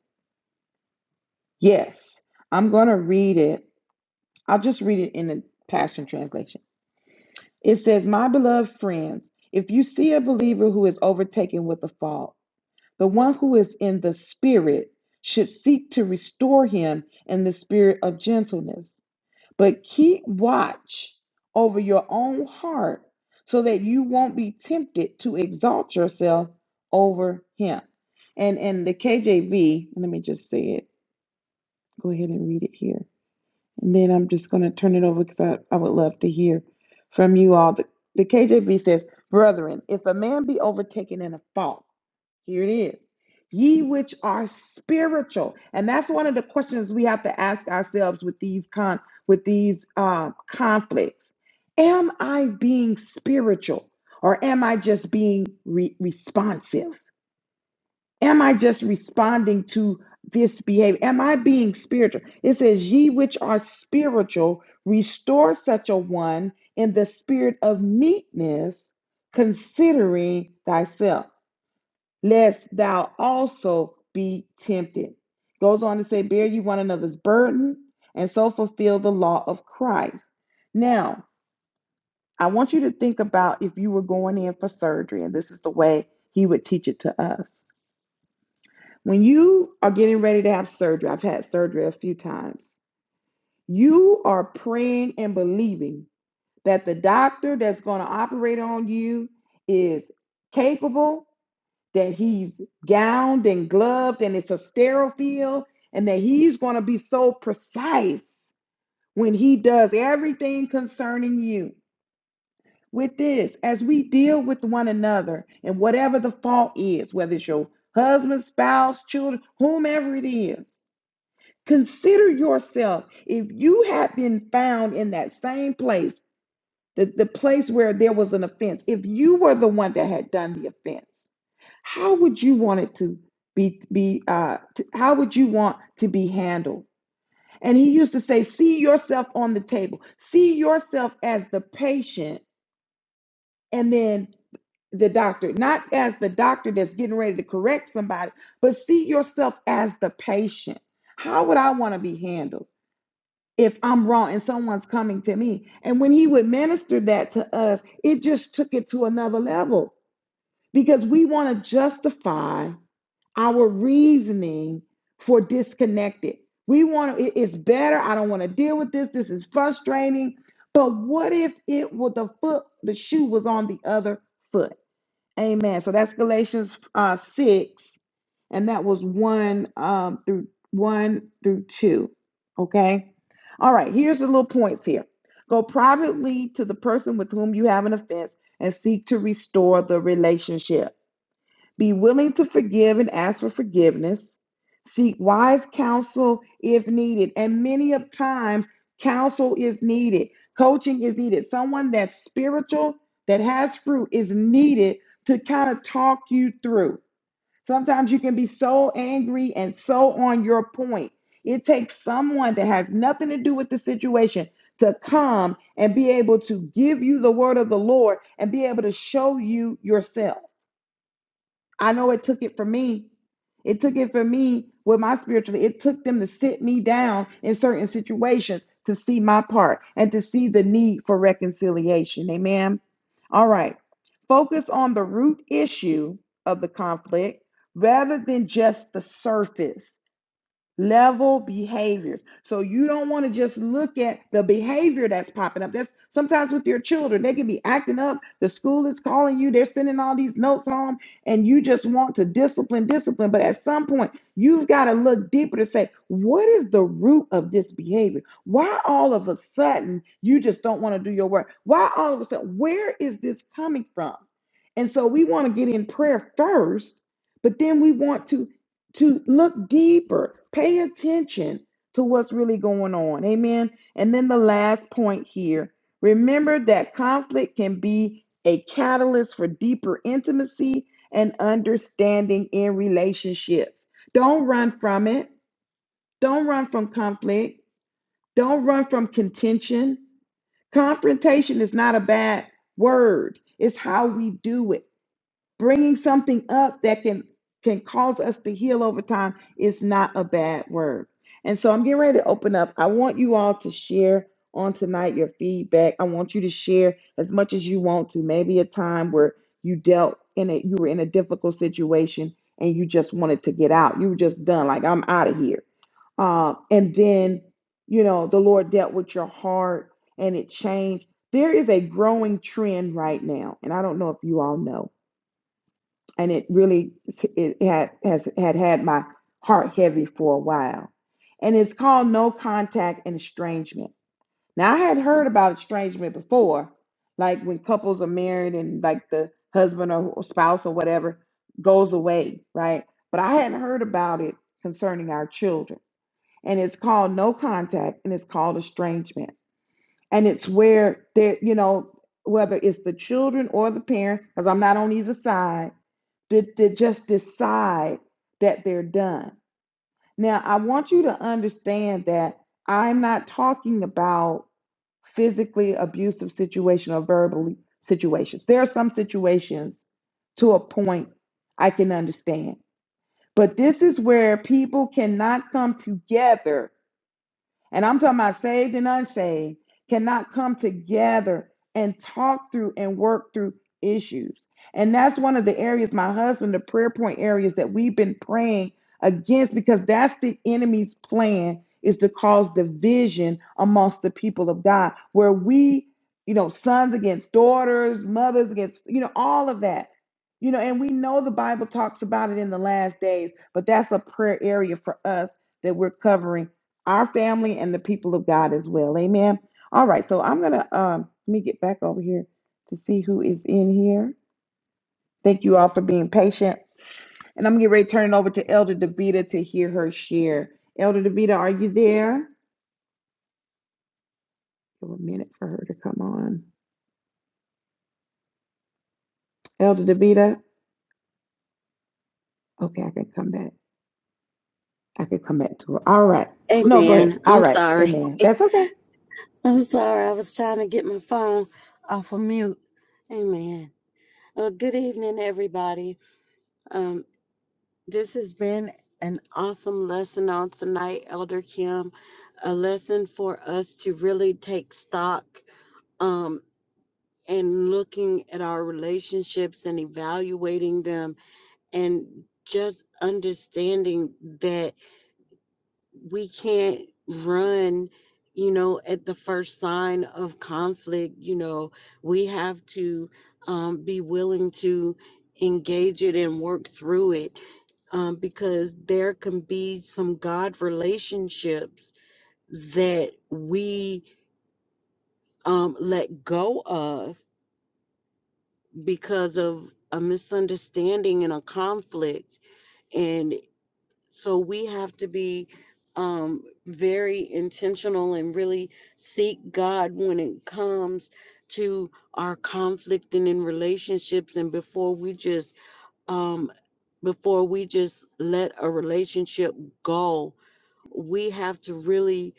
A: Yes, I'm going to read it I'll just read it in the Passion Translation. It says, My beloved friends, if you see a believer who is overtaken with a fault, the one who is in the spirit should seek to restore him in the spirit of gentleness. But keep watch over your own heart so that you won't be tempted to exalt yourself over him. And in the KJV, let me just say it. Go ahead and read it here. And then I'm just going to turn it over because I, I would love to hear from you all. The, the KJV says, Brethren, if a man be overtaken in a fault, here it is, ye which are spiritual. And that's one of the questions we have to ask ourselves with these con with these um, conflicts. Am I being spiritual or am I just being re- responsive? Am I just responding to this behavior? Am I being spiritual? It says, Ye which are spiritual, restore such a one in the spirit of meekness, considering thyself, lest thou also be tempted. Goes on to say, Bear ye one another's burden, and so fulfill the law of Christ. Now, I want you to think about if you were going in for surgery, and this is the way he would teach it to us when you are getting ready to have surgery, I've had surgery a few times, you are praying and believing that the doctor that's going to operate on you is capable, that he's gowned and gloved and it's a sterile field, and that he's going to be so precise when he does everything concerning you. With this, as we deal with one another and whatever the fault is, whether it's your husband, spouse, children, whomever it is, Consider yourself if you had been found in that same place, the, the place where there was an offense, if you were the one that had done the offense, how would you want it to be be uh t- how would you want to be handled? And he used to say, see yourself on the table, see yourself as the patient, and then the doctor, not as the doctor that's getting ready to correct somebody, but see yourself as the patient. How would I want to be handled? if I'm wrong and someone's coming to me. And when he would minister that to us, it just took it to another level because we want to justify our reasoning for disconnected. We want to, it's better. I don't want to deal with this. This is frustrating. But what if it was the foot, the shoe was on the other foot? Amen. So that's Galatians uh, 6, and that was 1 um, through 1 through 2. Okay. All right. Here's the little points here. Go privately to the person with whom you have an offense and seek to restore the relationship. Be willing to forgive and ask for forgiveness. Seek wise counsel if needed. And many of times, counsel is needed. Coaching is needed. Someone that's spiritual, that has fruit, is needed to kind of talk you through. Sometimes you can be so angry and so on your point. It takes someone that has nothing to do with the situation to come and be able to give you the word of the Lord and be able to show you yourself. I know it took it for me. It took it for me with my spirituality. It took them to sit me down in certain situations to see my part and to see the need for reconciliation. Amen. All right. Focus on the root issue of the conflict rather than just the surface level behaviors. So you don't want to just look at the behavior that's popping up. That's sometimes with your children, they can be acting up. The school is calling you, they're sending all these notes home, and you just want to discipline, discipline. But at some point, you've got to look deeper to say, what is the root of this behavior? Why all of a sudden you just don't want to do your work? Why all of a sudden, where is this coming from? And so we want to get in prayer first, but then we want to to look deeper, pay attention to what's really going on. Amen. And then the last point here remember that conflict can be a catalyst for deeper intimacy and understanding in relationships. Don't run from it, don't run from conflict, don't run from contention. Confrontation is not a bad word, it's how we do it bringing something up that can can cause us to heal over time is not a bad word. And so I'm getting ready to open up. I want you all to share on tonight your feedback. I want you to share as much as you want to. Maybe a time where you dealt in a you were in a difficult situation and you just wanted to get out. You were just done, like I'm out of here. Uh, and then you know the Lord dealt with your heart and it changed. There is a growing trend right now, and I don't know if you all know and it really it had has had had my heart heavy for a while and it's called no contact and estrangement now i had heard about estrangement before like when couples are married and like the husband or spouse or whatever goes away right but i hadn't heard about it concerning our children and it's called no contact and it's called estrangement and it's where there you know whether it's the children or the parent because i'm not on either side to, to just decide that they're done. Now, I want you to understand that I'm not talking about physically abusive situations or verbally situations. There are some situations to a point I can understand. But this is where people cannot come together and I'm talking about saved and unsaved, cannot come together and talk through and work through issues. And that's one of the areas, my husband, the prayer point areas that we've been praying against because that's the enemy's plan is to cause division amongst the people of God, where we, you know, sons against daughters, mothers against, you know, all of that. You know, and we know the Bible talks about it in the last days, but that's a prayer area for us that we're covering our family and the people of God as well. Amen. All right, so I'm gonna um let me get back over here to see who is in here. Thank you all for being patient. And I'm gonna get ready to turn it over to Elder Davita to hear her share. Elder Davita, are you there? Give a minute for her to come on. Elder Davita. Okay, I can come back. I can come back to her. All right. No, go ahead.
B: Amen.
A: All
B: I'm
A: right.
B: sorry.
A: Amen. That's okay.
B: I'm sorry. I was trying to get my phone off of mute. Amen. Well, good evening, everybody. Um, this has been an awesome lesson on tonight, Elder Kim. A lesson for us to really take stock um, and looking at our relationships and evaluating them and just understanding that we can't run you know at the first sign of conflict you know we have to um, be willing to engage it and work through it um, because there can be some god relationships that we um, let go of because of a misunderstanding and a conflict and. So we have to be um, very intentional and really seek God when it comes to our conflict and in relationships. And before we just, um, before we just let a relationship go, we have to really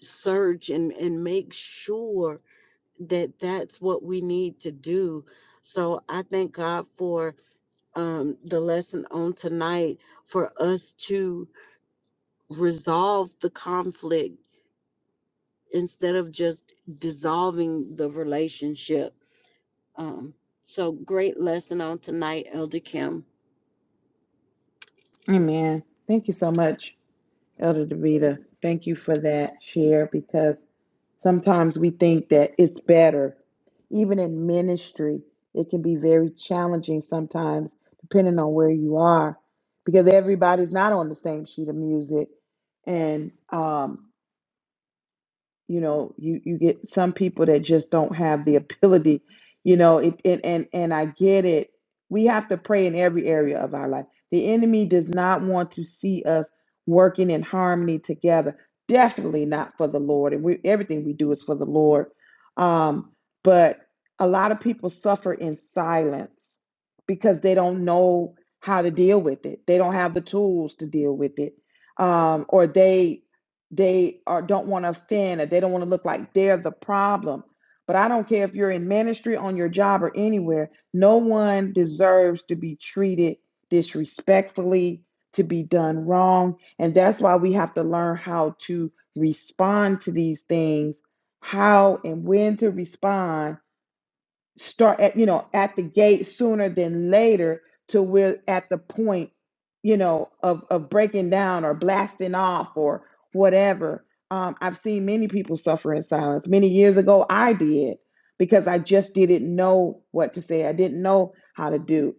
B: search and, and make sure that that's what we need to do. So I thank God for um, the lesson on tonight for us to resolve the conflict instead of just dissolving the relationship. Um, so great lesson on tonight, Elder Kim.
A: Amen. Thank you so much. Elder Davida, thank you for that share because sometimes we think that it's better. Even in ministry, it can be very challenging sometimes, depending on where you are, because everybody's not on the same sheet of music. And um, you know you you get some people that just don't have the ability you know it and and, and i get it we have to pray in every area of our life the enemy does not want to see us working in harmony together definitely not for the lord and we everything we do is for the lord um but a lot of people suffer in silence because they don't know how to deal with it they don't have the tools to deal with it um or they they are don't want to offend or they don't want to look like they're the problem. But I don't care if you're in ministry, on your job, or anywhere, no one deserves to be treated disrespectfully, to be done wrong. And that's why we have to learn how to respond to these things, how and when to respond start at you know at the gate sooner than later to we're at the point you know of of breaking down or blasting off or whatever um, i've seen many people suffer in silence many years ago i did because i just didn't know what to say i didn't know how to do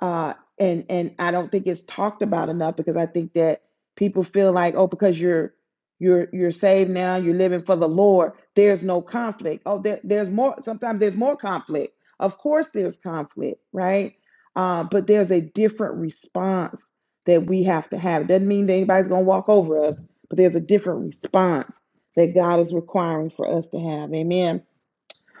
A: uh, and and I don't think it's talked about enough because I think that people feel like oh because you're you're you're saved now you're living for the Lord there's no conflict oh there, there's more sometimes there's more conflict of course there's conflict right uh, but there's a different response that we have to have it doesn't mean that anybody's gonna walk over us but there's a different response that God is requiring for us to have amen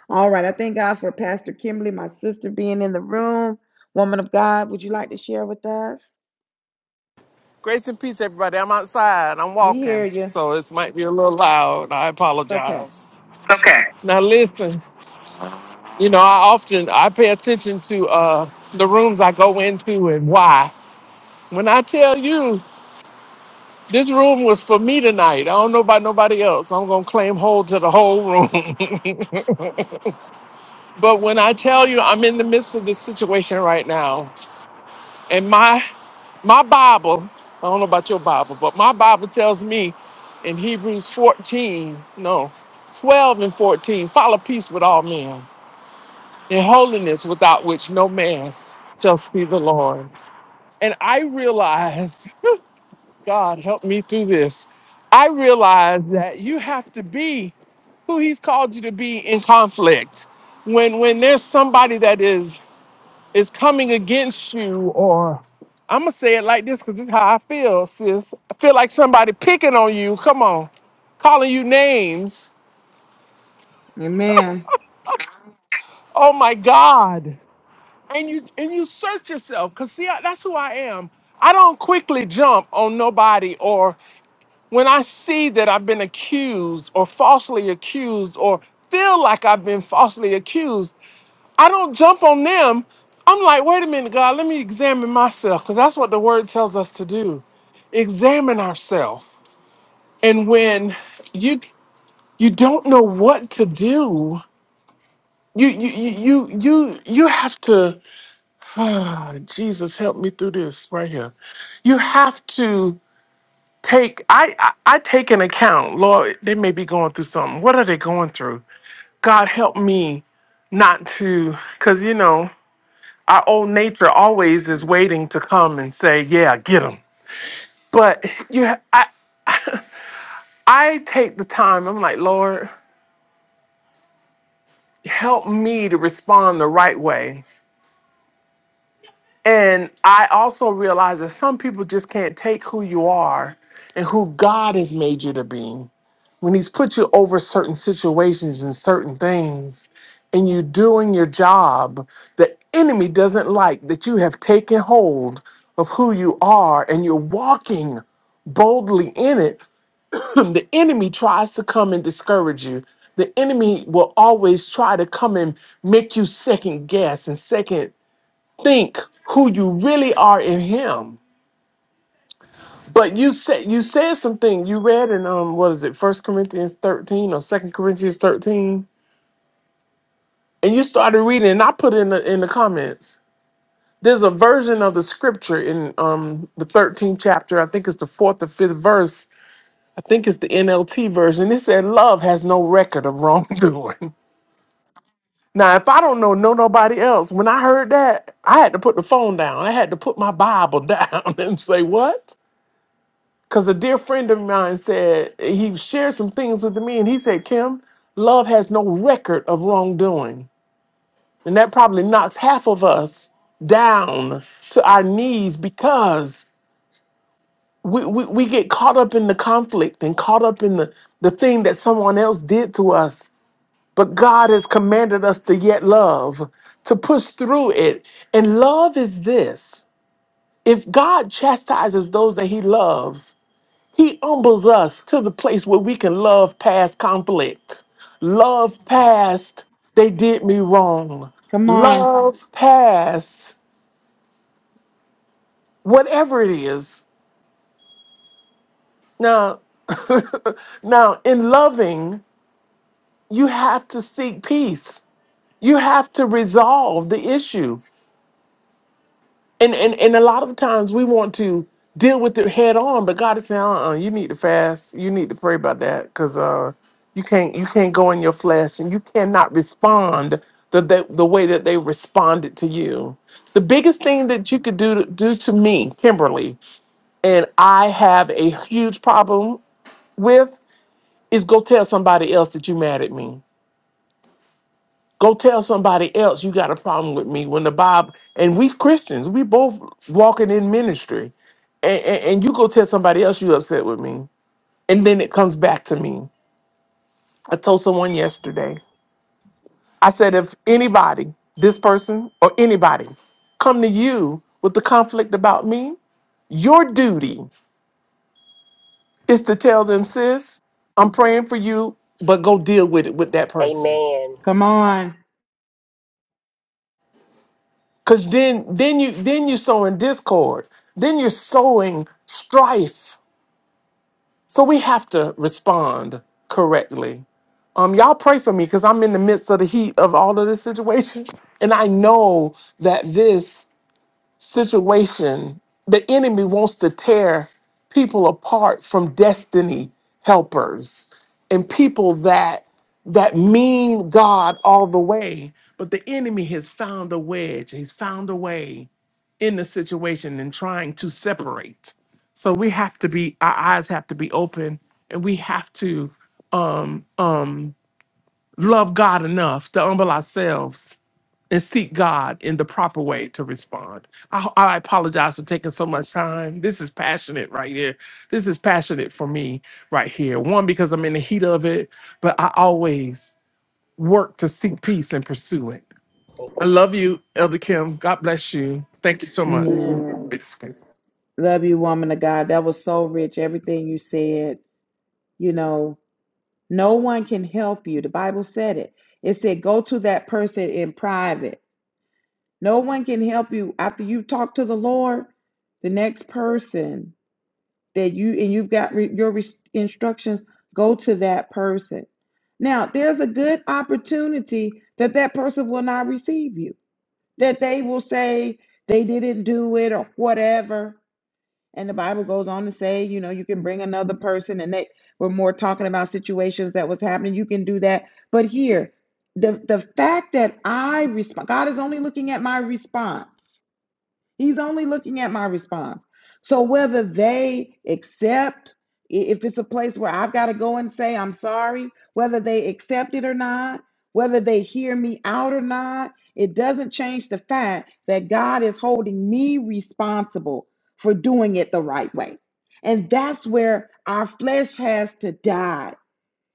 A: all right. I thank God for Pastor Kimberly, my sister, being in the room. Woman of God, would you like to share with us?
D: Grace and peace, everybody. I'm outside. I'm
A: We hear
D: walking,
A: you. It's
D: so it might be a little loud. I
A: okay.
D: apologize. Okay. Now, listen. You know, I often I pay attention to uh, the rooms I go into and why. When I tell you this room was for me tonight, I don't know about nobody else. I'm gonna claim hold to the whole room. But when I tell you I'm in the midst of this situation right now, And my my Bible, I don't know about your Bible, but my Bible tells me in Hebrews 14, no, 12 and 14, follow peace with all men and holiness without which no man shall see the Lord. And I realize, God help me through this. I realize that you have to be who he's called you to be in conflict. When when there's somebody that is is coming against you, or I'm gonna say it like this because this is how I feel, sis. I feel like somebody picking on you. Come on, calling you names.
A: Amen.
D: Oh my God! And you and you search yourself, cause see, I- that's who I am. I don't quickly jump on nobody, or when I see that I've been accused or falsely accused or feel like I've been falsely accused. I don't jump on them. I'm like, wait a minute, God, let me examine myself because that's what the word tells us to do. Examine ourselves. And when you you don't know what to do, you you you you you, you have to ah, Jesus help me through this right here. You have to take I, I I take an account. Lord, they may be going through something. What are they going through? God help me not to cuz you know our old nature always is waiting to come and say, "Yeah, get them." But you, ha- I, I take the time. I'm like, Lord, help me to respond the right way. And I also realize that some people just can't take who you are and who God has made you to be. when he's put you over certain situations and certain things and you're doing your job the enemy doesn't like that you have taken hold of who you are and you're walking boldly in it the enemy tries to come and discourage you the enemy will always try to come and make you second guess and second think who you really are in him but you said you said something. You read in um what is it, First Corinthians thirteen or Second Corinthians thirteen, and you started reading, and I put in the in the comments. There's a version of the scripture in um the 13th chapter. I think it's the fourth or fifth verse. I think it's the NLT version. It said, "Love has no record of wrongdoing." Now, if I don't know no nobody else, when I heard that, I had to put the phone down. I had to put my Bible down and say, "What?" Because a dear friend of mine said, he shared some things with me, and he said, Kim, love has no record of wrongdoing. And that probably knocks half of us down to our knees because we, we, we get caught up in the conflict and caught up in the, the thing that someone else did to us. But God has commanded us to yet love, to push through it. And love is this if God chastises those that he loves, He humbles us to the place where we can love past conflict, love past they did me wrong,
A: Come on.
D: love past whatever it is. Now, now in loving, you have to seek peace. You have to resolve the issue. And and and a lot of times we want to deal with it head on, but God is saying, uh-uh, you need to fast. You need to pray about that because uh, you can't you can't go in your flesh and you cannot respond the, the the way that they responded to you. The biggest thing that you could do to, do to me, Kimberly, and I have a huge problem with is go tell somebody else that you mad at me. Go tell somebody else you got a problem with me when the Bible and we Christians, we both walking in ministry. And, and, and you go tell somebody else you upset with me. And then it comes back to me. I told someone yesterday. I said if anybody, this person or anybody, come to you with the conflict about me, your duty is to tell them, sis, I'm praying for you, but go deal with it with that person
E: Amen.
A: Come on.
D: Cause then then you then you're sowing discord. Then you're sowing strife. So we have to respond correctly. Um, y'all pray for me because I'm in the midst of the heat of all of this situation. And I know that this situation, the enemy wants to tear people apart from destiny helpers and people that that mean God all the way. But the enemy has found a wedge. He's found a way in the situation and trying to separate. So we have to be, our eyes have to be open and we have to um, um, love God enough to humble ourselves and seek God in the proper way to respond. I, I apologize for taking so much time. This is passionate right here. This is passionate for me right here. One, because I'm in the heat of it, but I always work to seek peace and pursue it. I love you, Elder Kim. God bless you. Thank you so much.
A: Amen.
D: Great to speak.
A: Love you, woman of God. That was so rich. Everything you said, you know, no one can help you. The Bible said it. It said, go to that person in private. No one can help you after you talk to the Lord. The next person that you and you've got re- your res- instructions go to that person now there's a good opportunity that that person will not receive you that they will say they didn't do it or whatever and the bible goes on to say you know you can bring another person and they were more talking about situations that was happening you can do that but here the the fact that i respond god is only looking at my response He's only looking at my response. So whether they accept, if it's a place where I've got to go and say I'm sorry, whether they accept it or not, whether they hear me out or not, it doesn't change the fact that God is holding me responsible for doing it the right way. And that's where our flesh has to die,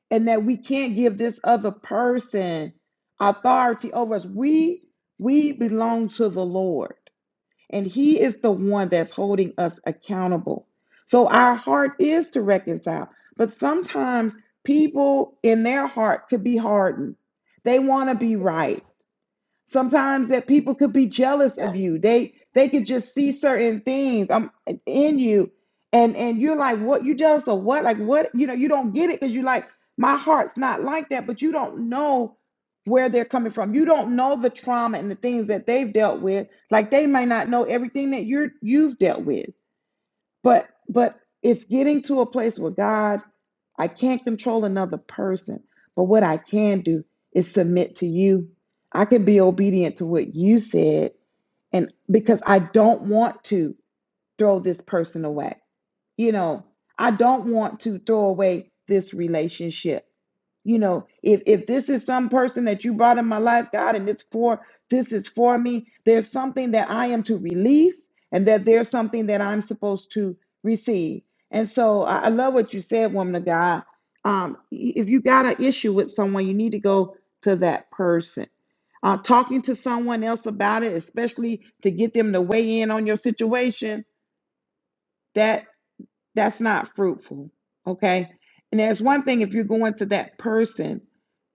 A: and that we can't give this other person authority over us. We we belong to the Lord and He is the one that's holding us accountable. So our heart is to reconcile, but sometimes people in their heart could be hardened. They want to be right sometimes that people could be jealous of
E: Yeah.
A: you they they could just see certain things um in you and and you're like what you jealous of what like what you know you don't get it because you're like my heart's not like that but you don't know where they're coming from you don't know the trauma and the things that they've dealt with like they might not know everything that you're you've dealt with but but it's getting to a place where God, I can't control another person, but what I can do is submit to you. I can be obedient to what you said and because I don't want to throw this person away. You know, I don't want to throw away this relationship. You know, if if this is some person that you brought in my life, God, and it's for this is for me, there's something that I am to release and that there's something that I'm supposed to receive. And so I, I love what you said, woman of God. Um, if you got an issue with someone, you need to go to that person. Uh, talking to someone else about it, especially to get them to weigh in on your situation, that's not fruitful. Okay. And there's one thing if you're going to that person,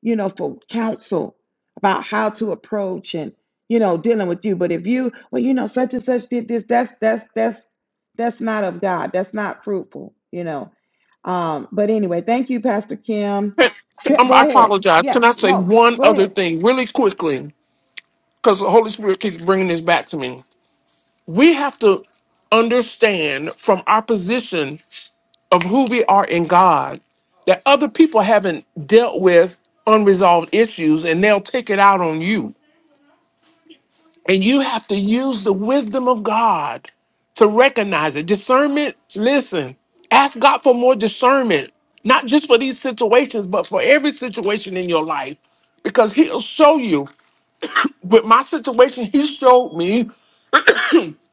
A: you know, for counsel about how to approach and, you know, dealing with you. But if you, well, you know, such and such did this, that's, that's, that's, that's not of God. That's not fruitful, you know. Um, but anyway, thank you, Pastor Kim. Yeah,
D: Um,
A: go
D: I
A: ahead.
D: apologize.
A: Yeah.
D: Can I say
A: No,
D: one
A: go
D: other
A: ahead.
D: thing really quickly? Because the Holy Spirit keeps bringing this back to me. We have to understand from our position of who we are in God that other people haven't dealt with unresolved issues and they'll take it out on you. And you have to use the wisdom of God to recognize it. Discernment, listen, ask God for more discernment, not just for these situations, but for every situation in your life. Because he'll show you. With my situation, he showed me,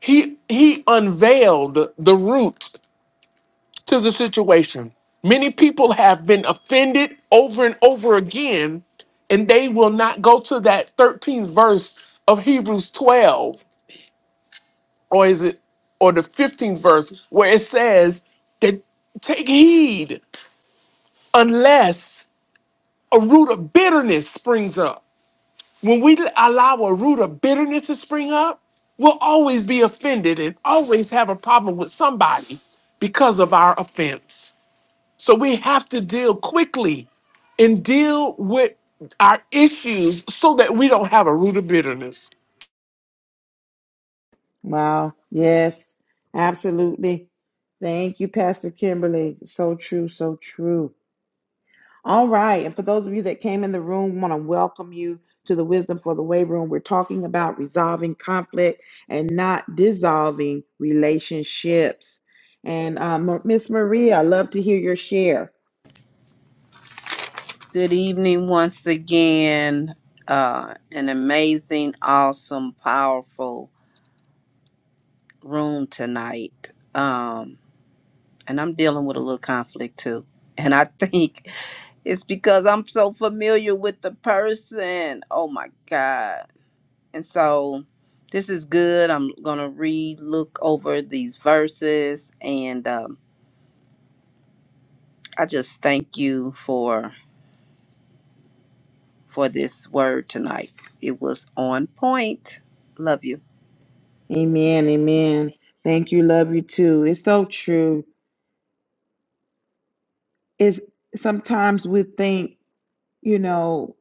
D: he he unveiled the root to the situation. Many people have been offended over and over again, and they will not go to that 13th verse of Hebrews 12 or is it or the 15th verse where it says that take heed unless a root of bitterness springs up when we allow a root of bitterness to spring up we'll always be offended and always have a problem with somebody because of our offense so we have to deal quickly and deal with our issues so that we don't have a root of bitterness
A: Wow. Yes. Absolutely. Thank you, Pastor Kimberly. So true. So true. All right. And for those of you that came in the room, want to welcome you to the Wisdom for the Way room. We're talking about resolving conflict and not dissolving relationships. And um, Miss Maria, I love to hear your share.
C: Good evening once again. Uh, an amazing, awesome, powerful room tonight. Um, and I'm dealing with a little conflict too. And I think it's because I'm so familiar with the person. Oh my God. And so this is good. I'm going to re look over these verses. And um, I just thank you for for this word tonight. It was on point. Love you.
A: Amen. Amen. Thank you. Love you too. It's so true. It's sometimes we think, you know,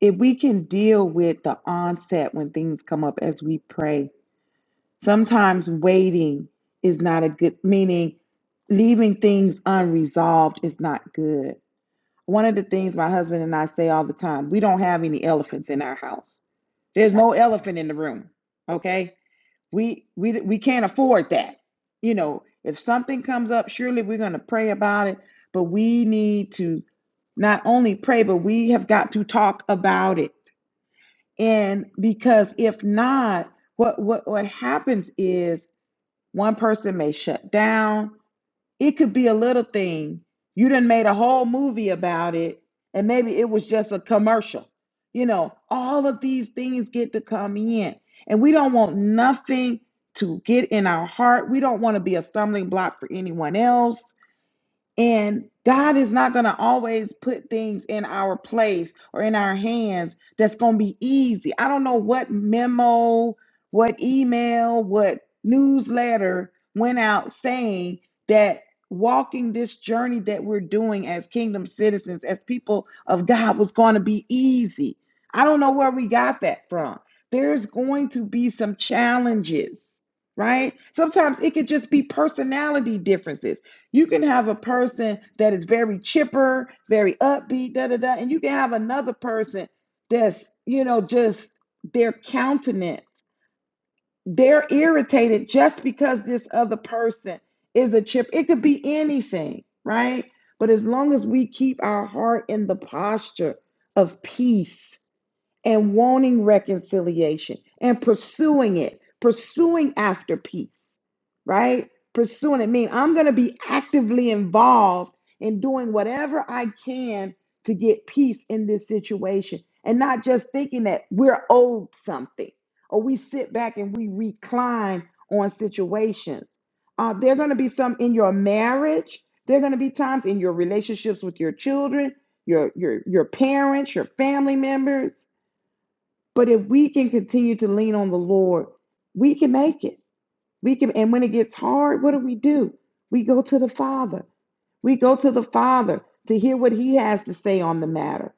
A: if we can deal with the onset when things come up as we pray, Sometimes waiting is not a good, meaning leaving things unresolved is not good. One of the things my husband and I say all the time we don't have any elephants in our house. There's no elephant in the room. Okay. We, we, we can't afford that. You know, if something comes up, surely we're going to pray about it, but we need to not only pray, but we have got to talk about it. And because if not, what, what, what happens is one person may shut down. It could be a little thing. You done made a whole movie about it, and maybe it was just a commercial. You know, all of these things get to come in, and we don't want nothing to get in our heart. We don't want to be a stumbling block for anyone else. And God is not going to always put things in our place or in our hands that's going to be easy. I don't know what memo, what email, what newsletter went out saying that walking this journey that we're doing as kingdom citizens, as people of God, was going to be easy. I don't know where we got that from. There's going to be some challenges, right? Sometimes it could just be personality differences you can have a person that is very chipper, very upbeat, da da da, and you can have another person that's, you know, just their countenance. They're irritated just because this other person is a chip. It could be anything, right? But as long as we keep our heart in the posture of peace, and wanting reconciliation and pursuing it, pursuing after peace, right? Pursuing it means I'm going to be actively involved in doing whatever I can to get peace in this situation and not just thinking that we're owed something or we sit back and we recline on situations. Uh, there are going to be some in your marriage. There are going to be times in your relationships with your children, your your your parents, your family members but if we can continue to lean on the Lord, we can make it. We can and when it gets hard, what do we do? We go to the Father. We go to the Father to hear what he has to say on the matter.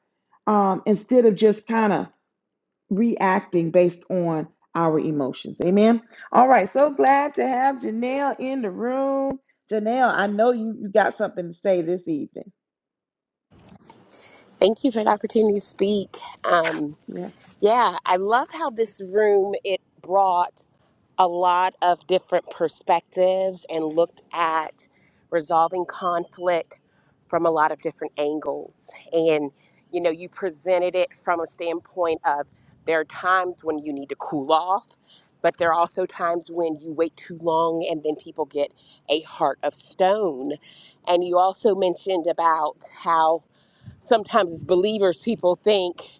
A: Um, instead of just kind of reacting based on our emotions. Amen. All right. So glad to have Janelle in the room. Janelle, I know you, you got something to say this evening.
E: Thank you for the opportunity to speak. Um,
A: Yeah.
E: yeah, I love how this room it brought. a lot of different perspectives and looked at resolving conflict from a lot of different angles. And, you know, you presented it from a standpoint of there are times when you need to cool off, but there are also times when you wait too long and then people get a heart of stone. And you also mentioned about how sometimes as believers, people think,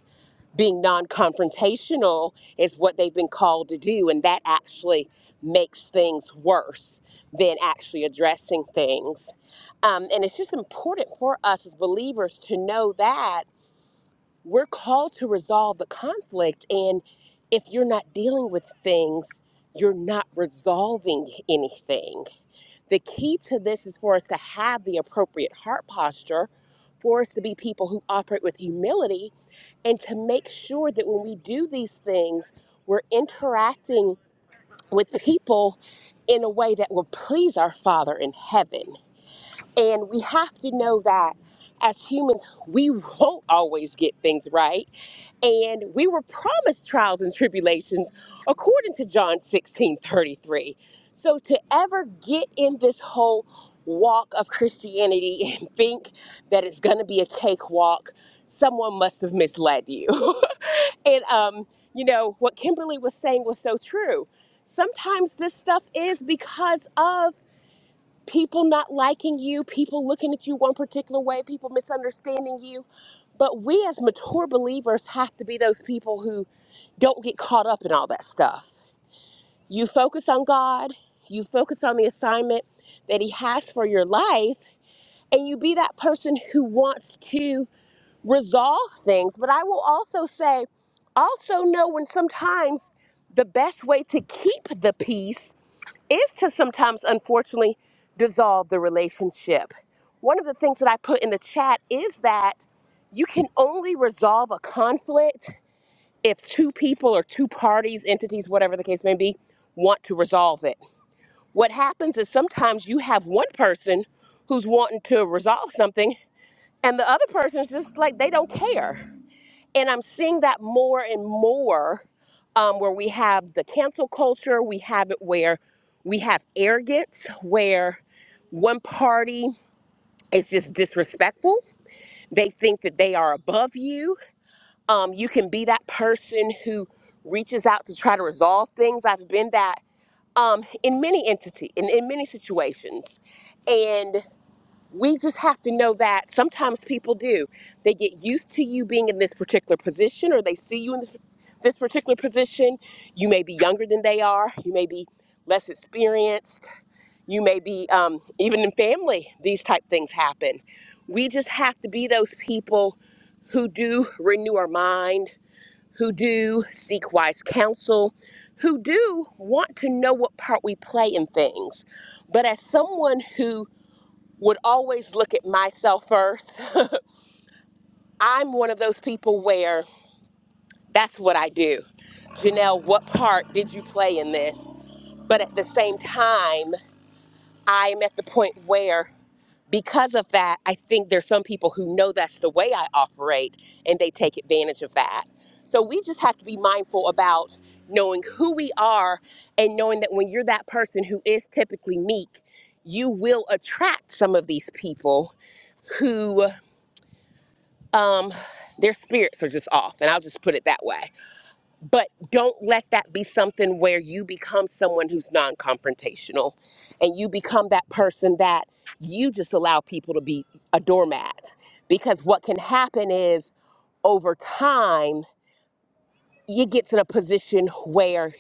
E: being non-confrontational is what they've been called to do and that actually makes things worse than actually addressing things um, and it's just important for us as believers to know that we're called to resolve the conflict and if you're not dealing with things you're not resolving anything the key to this is for us to have the appropriate heart posture for us to be people who operate with humility and to make sure that when we do these things, we're interacting with people in a way that will please our Father in heaven. And we have to know that as humans, we won't always get things right. And we were promised trials and tribulations according to John 16 33. So to ever get in this whole walk of Christianity and think that it's going to be a cakewalk, someone must have misled you. And um, you know, what Kimberly was saying was so true. Sometimes this stuff is because of people not liking you, people looking at you one particular way, people misunderstanding you. But we as mature believers have to be those people who don't get caught up in all that stuff. You focus on God, you focus on the assignment that He has for your life, and you be that person who wants to resolve things. But I will also say, also know when sometimes the best way to keep the peace is to sometimes, unfortunately, dissolve the relationship. One of the things that I put in the chat is that you can only resolve a conflict if two people or two parties, entities, whatever the case may be, want to resolve it. What happens is sometimes you have one person who's wanting to resolve something and the other person's just like they don't care and I'm seeing that more and more um, where we have the cancel culture, we have it where we have arrogance, where one party is just disrespectful. They think that they are above you. Um, you can be that person who reaches out to try to resolve things. I've been that um, in many entity, in, in many situations. and we just have to know that sometimes people do. They get used to you being in this particular position, or they see you in this, this particular position. You may be younger than they are. You may be less experienced. You may be, um, even in family, these type things happen. We just have to be those people who do renew our mind, who do seek wise counsel, who do want to know what part we play in things. But as someone who would always look at myself first. I'm one of those people where that's what I do. Janelle, what part did you play in this? But at the same time, I'm at the point where because of that, I think there's some people who know that's the way I operate and they take advantage of that. So we just have to be mindful about knowing who we are and knowing that when you're that person who is typically meek, you will attract some of these people who. um, their spirits are just off, and I'll just put it that way. But don't let that be something where you become someone who's non confrontational and you become that person that you just allow people to be a doormat. Because what can happen is over time, you get to the position where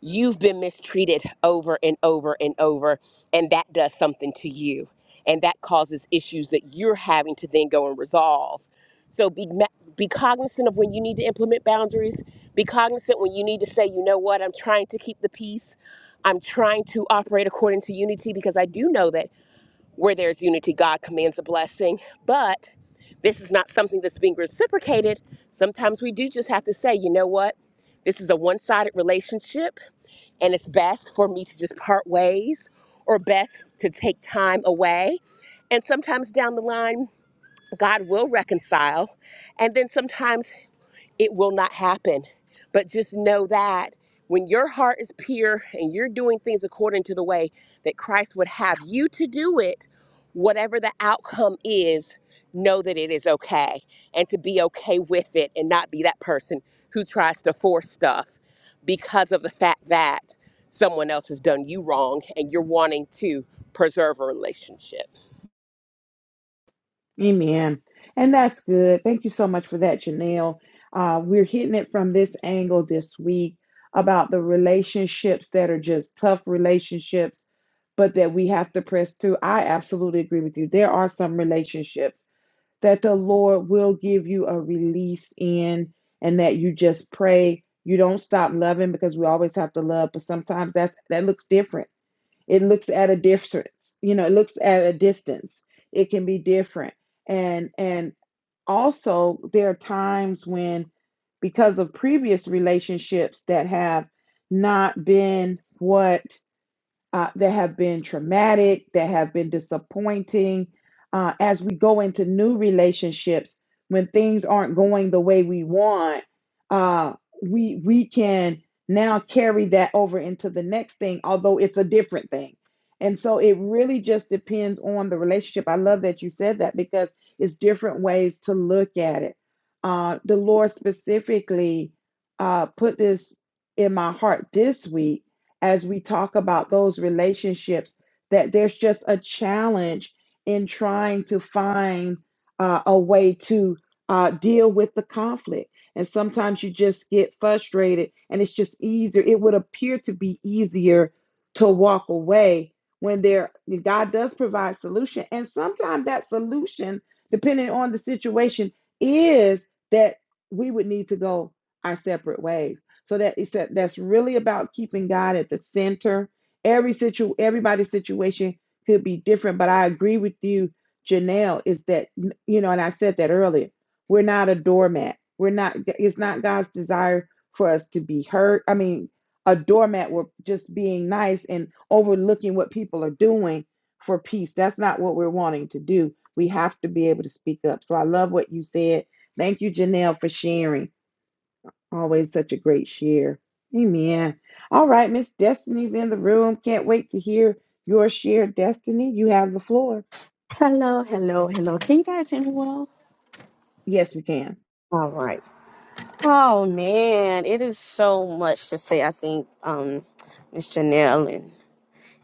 E: you've been mistreated over and over and over and that does something to you and that causes issues that you're having to then go and resolve so be ma- be cognizant of when you need to implement boundaries be cognizant when you need to say you know what I'm trying to keep the peace I'm trying to operate according to unity because I do know that where there's unity, God commands a blessing. But this is not something that's being reciprocated. Sometimes we do just have to say, you know what? This is a one sided relationship, and it's best for me to just part ways or best to take time away. And sometimes down the line, God will reconcile. And then sometimes it will not happen. But just know that when your heart is pure and you're doing things according to the way that Christ would have you to do it, whatever the outcome is, know that it is okay and to be okay with it and not be that person who tries to force stuff because of the fact that someone else has done you wrong and you're wanting to preserve a relationship.
A: Amen. And that's good. Thank you so much for that, Janelle. Uh, we're hitting it from this angle this week about the relationships that are just tough relationships, but that we have to press through. I absolutely agree with you. There are some relationships that the Lord will give you a release in, and that you just pray. You don't stop loving because we always have to love, but sometimes that's that looks different it looks at a difference, you know, it looks at a distance. It can be different. And and also there are times when because of previous relationships that have not been what uh, that have been traumatic, that have been disappointing. Uh, as we go into new relationships, when things aren't going the way we want, uh, we we can now carry that over into the next thing, although it's a different thing. And so it really just depends on the relationship. I love that you said that because it's different ways to look at it. Uh, the Lord specifically uh, put this in my heart this week as we talk about those relationships, that there's just a challenge in trying to find uh, a way to uh, deal with the conflict. And sometimes you just get frustrated, and it's just easier. It would appear to be easier to walk away when there God does provide solution. And sometimes that solution, depending on the situation, is that we would need to go our separate ways so that it's that that's really about keeping God at the center. Every situ everybody's situation could be different, but I agree with you, Janelle, is that you know, and I said that earlier, we're not a doormat. We're not it's not God's desire for us to be hurt. I mean, a doormat we're just being nice and overlooking what people are doing for peace. That's not what we're wanting to do. We have to be able to speak up. So I love what you said. Thank you, Janelle, for sharing. Always such a great share. Amen. All right, Miss Destiny's in the room. Can't wait to hear your share, Destiny. You have the floor.
F: Hello, hello, hello. Can you guys hear me well?
A: Yes, we can.
F: All right. Oh man, it is so much to say. I think um Miss Janelle and,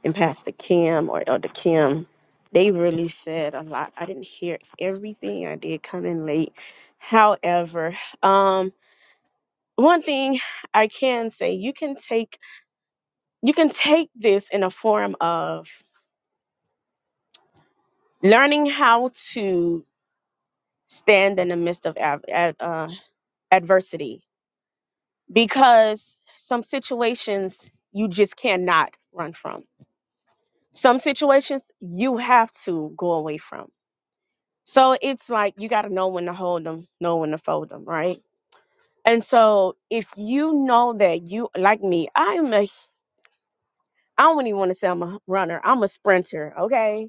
F: and Pastor Kim or Elder Kim, they really said a lot. I didn't hear everything. I did come in late. However, um one thing I can say, you can take you can take this in a form of learning how to stand in the midst of ad, ad, uh, adversity because some situations you just cannot run from. Some situations you have to go away from. So it's like you got to know when to hold them, know when to fold them, right? And so if you know that you like me, I'm a I don't even want to say I'm a runner. I'm a sprinter, okay?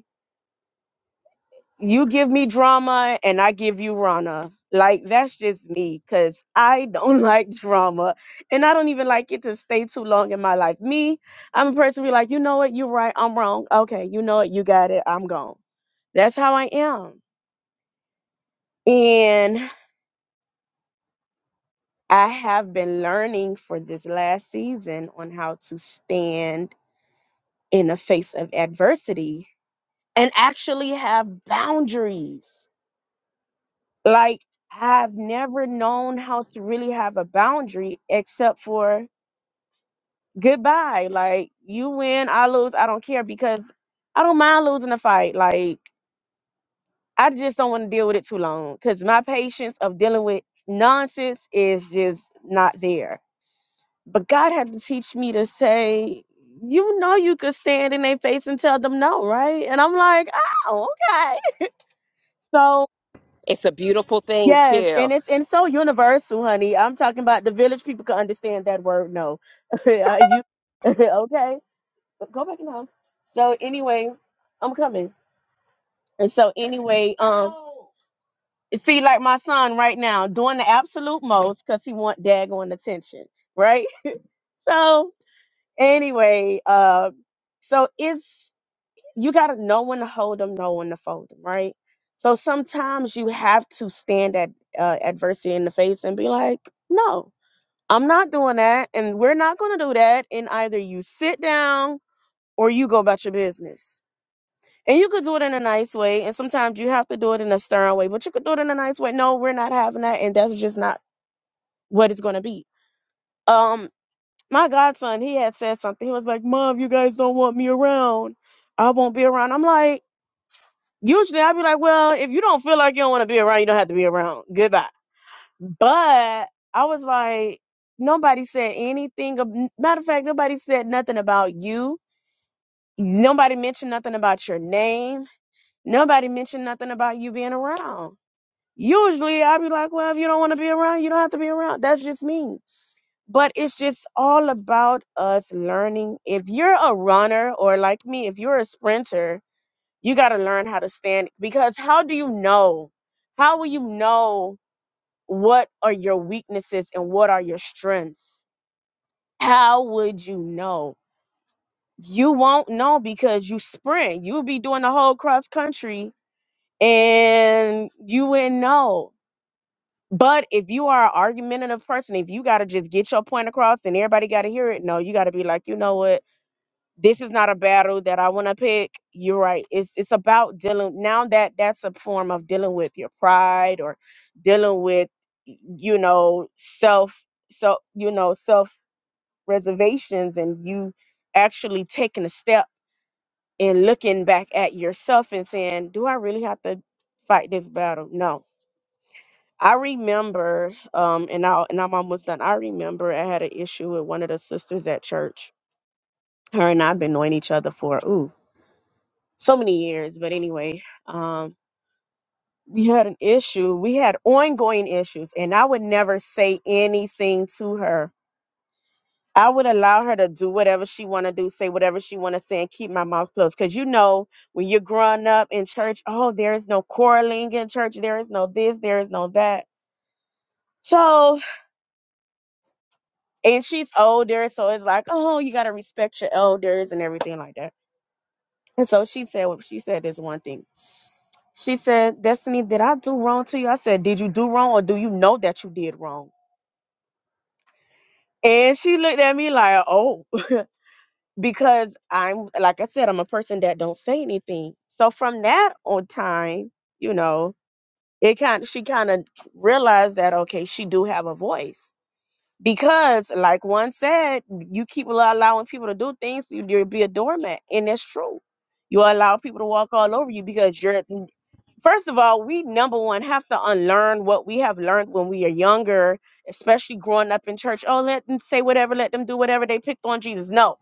F: you give me drama and I give you Rana. Like that's just me cuz I don't like drama and I don't even like it to stay too long in my life. Me, I'm a person who be like, "You know what? You're right. I'm wrong. Okay, you know what? You got it. I'm gone." That's how I am. And I have been learning for this last season on how to stand in the face of adversity and actually have boundaries Like I've never known how to really have a boundary except for goodbye. Like you win, I lose, I don't care because I don't mind losing a fight. Like I just don't want to deal with it too long cuz my patience of dealing with nonsense is just not there. But God had to teach me to say you know you could stand in their face and tell them no, right? And I'm like, oh, okay. So.
E: It's a beautiful thing,
F: Yes,
E: too,
F: and it's and so universal, honey. I'm talking about the village people can understand that word. No, Uh, you okay? Go back in the house. So anyway, I'm coming. And so anyway, um, see, like my son right now doing the absolute most because he want daggone attention, right? So anyway, uh, so it's you gotta know when to hold them, know when to fold them, right? So sometimes you have to stand at uh, adversity in the face and be like, no. I'm not doing that, and we're not going to do that. And either you sit down or you go about your business. And you could do it in a nice way, and sometimes you have to do it in a stern way, but you could do it in a nice way. No, we're not having that, and that's just not what it's going to be. Um, my godson, he had said something. He was like, "Mom, you guys don't want me around. I won't be around." I'm like, usually I'd be like, "Well, if you don't feel like you don't want to be around, you don't have to be around. Goodbye." But I was like, nobody said anything. ab- Matter of fact, nobody said nothing about you. Nobody mentioned nothing about your name. Nobody mentioned nothing about you being around. Usually I'd be like, well, if you don't want to be around, you don't have to be around. That's just me. But it's just all about us learning. If you're a runner or like me, if you're a sprinter, you got to learn how to stand because how do you know? How will you know what are your weaknesses and what are your strengths? How would you know? You won't know because you sprint. You'll be doing the whole cross country and you wouldn't know. But if you are an argumentative person, if you got to just get your point across and everybody got to hear it, no, you got to be like, you know what? this is not a battle that I want to pick. You're right. It's it's about dealing now that that's a form of dealing with your pride or dealing with you know self so you know self reservations and you actually taking a step and looking back at yourself and saying, "Do I really have to fight this battle?" No. I remember um and I and I'm almost done. I remember I had an issue with one of the sisters at church. Her and I've been knowing each other for ooh so many years. But anyway, um, we had an issue. We had ongoing issues, and I would never say anything to her. I would allow her to do whatever she want to do, say whatever she want to say, and keep my mouth closed. Cause you know, when you're growing up in church, oh, there is no quarreling in church. There is no this. There is no that. So, and she's older, so it's like, oh, you gotta respect your elders and everything like that. And so she said, she said this one thing. She said, Destiny, did I do wrong to you? I said, Did you do wrong or do you know that you did wrong? And she looked at me like, Oh, because I'm, like I said, I'm a person that don't say anything. So from that on time, you know, it kind she kind of realized that, okay, she do have a voice. Because, like one said, you keep allo- allowing people to do things, you- you'll be a doormat. And that's true. You allow people to walk all over you because you're first of all, we number one have to unlearn what we have learned when we are younger, especially growing up in church. Oh, let them say whatever, let them do whatever they picked on Jesus. No,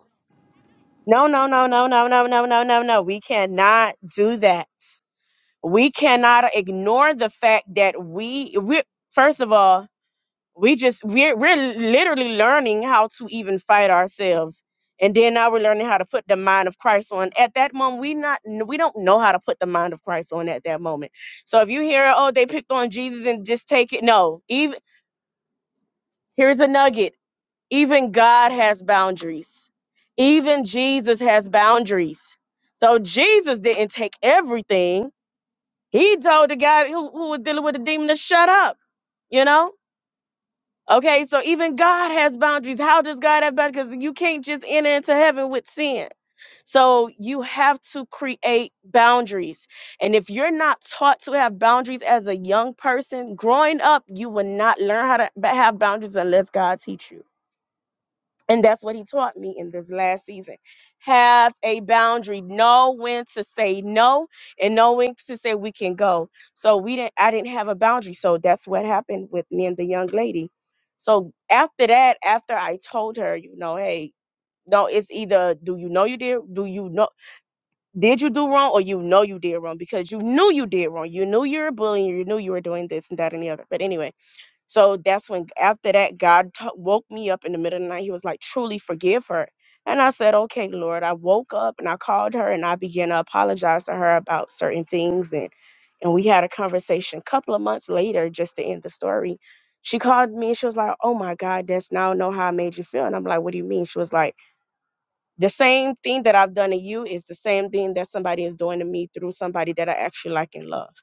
F: no, no, no, no, no, no, no, no, no, no. We cannot do that. We cannot ignore the fact that we we first of all we just we're we're literally learning how to even fight ourselves and then now we're learning how to put the mind of christ on at that moment we not we don't know how to put the mind of christ on at that moment so if you hear oh they picked on jesus and just take it no even here's a nugget even god has boundaries even jesus has boundaries so jesus didn't take everything he told the guy who, who was dealing with the demon to shut up you know Okay, so even God has boundaries. How does God have boundaries? Because you can't just enter into heaven with sin. So you have to create boundaries. And if you're not taught to have boundaries as a young person, growing up, you will not learn how to ba- have boundaries unless God teach you. And that's what he taught me in this last season. Have a boundary. Know when to say no and know when to say we can go. So we didn't I didn't have a boundary. So that's what happened with me and the young lady. So after that, after I told her, you know, hey, no, it's either do you know you did do you know did you do wrong or you know you did wrong because you knew you did wrong. You knew you were bullying, you knew you were doing this and that and the other. But anyway. So that's when, after that, God t- woke me up in the middle of the night. He was like, truly forgive her. And I said, okay, Lord. I woke up and I called her and I began to apologize to her about certain things. And, and we had a conversation a couple of months later, just to end the story. She called me and she was like, oh my God, that's now I know how I made you feel. And I'm like, what do you mean? She was like, the same thing that I've done to you is the same thing that somebody is doing to me through somebody that I actually like and love.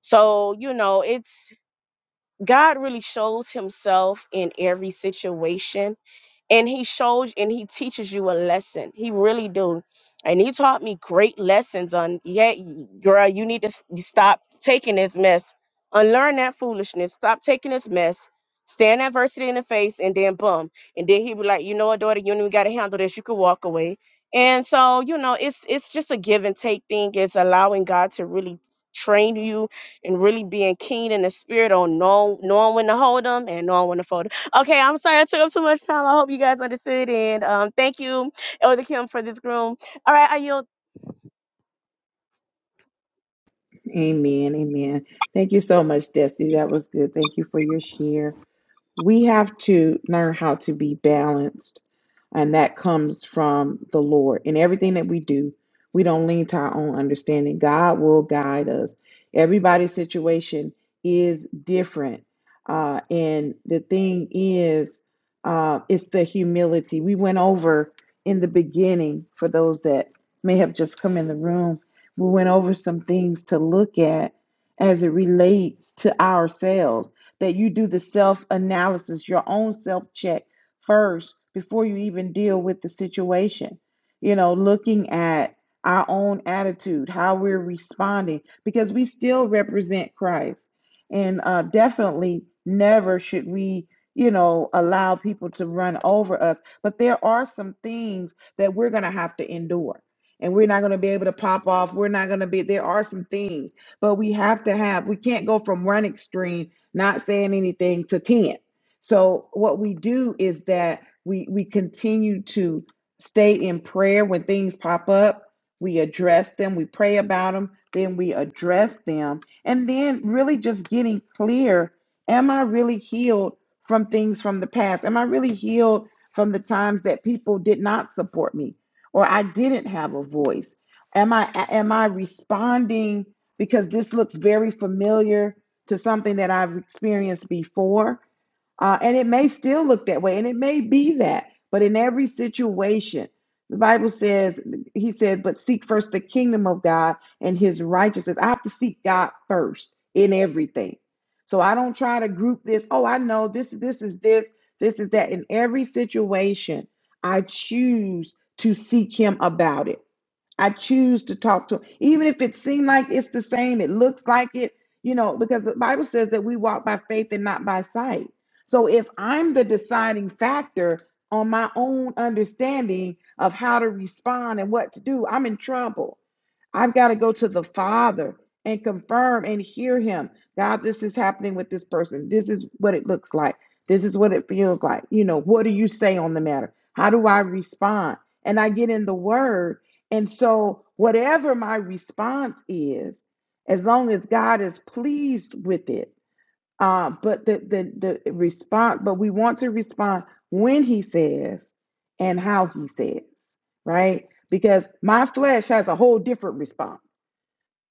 F: So, you know, it's God really shows himself in every situation and he shows and he teaches you a lesson he really do and he taught me great lessons on yeah y- girl you need to s- you stop taking this mess unlearn that foolishness stop taking this mess stand adversity in the face and then boom and then he would like you know what daughter you don't even got to handle this you could walk away and so you know it's it's just a give and take thing it's allowing god to really train you and really being keen in the spirit on know, knowing when to hold them and knowing when to fold 'em Okay, I'm sorry I took up too much time. I hope you guys understood. And um, thank you, Elder Kim, for this room. All right, I yield.
A: Amen. Amen. Thank you so much, Destiny. That was good. Thank you for your share. We have to learn how to be balanced, and that comes from the Lord. In everything that we do, we don't lean to our own understanding. God will guide us. Everybody's situation is different. Uh, and the thing is, uh, it's the humility. We went over in the beginning for those that may have just come in the room, we went over some things to look at as it relates to ourselves that you do the self analysis, your own self check first before you even deal with the situation. You know, looking at our own attitude, how we're responding, because we still represent Christ. And uh, definitely never should we, you know, allow people to run over us. But there are some things that we're going to have to endure. And we're not going to be able to pop off. We're not going to be, there are some things, but we have to have, we can't go from one extreme not saying anything to 10. So what we do is that we we continue to stay in prayer when things pop up. We address them, we pray about them, then we address them. And then really just getting clear, am I really healed from things from the past? Am I really healed from the times that people did not support me or I didn't have a voice? Am I am I responding because this looks very familiar to something that I've experienced before. Uh, and it may still look that way, and it may be that, but in every situation, the Bible says, He says, but seek first the kingdom of God and His righteousness. I have to seek God first in everything. So I don't try to group this. Oh, I know this, this is this, this is that. In every situation, I choose to seek Him about it. I choose to talk to him. Even if it seems like it's the same, it looks like it, you know, because the Bible says that we walk by faith and not by sight. So if I'm the deciding factor on my own understanding of how to respond and what to do, I'm in trouble. I've got to go to the Father and confirm and hear Him. God, this is happening with this person. This is what it looks like. This is what it feels like. You know, what do you say on the matter? How do I respond? And I get in the Word and so, whatever my response is, as long as God is pleased with it, um, but the, the the response, but we want to respond when He says and how He says, right? Because my flesh has a whole different response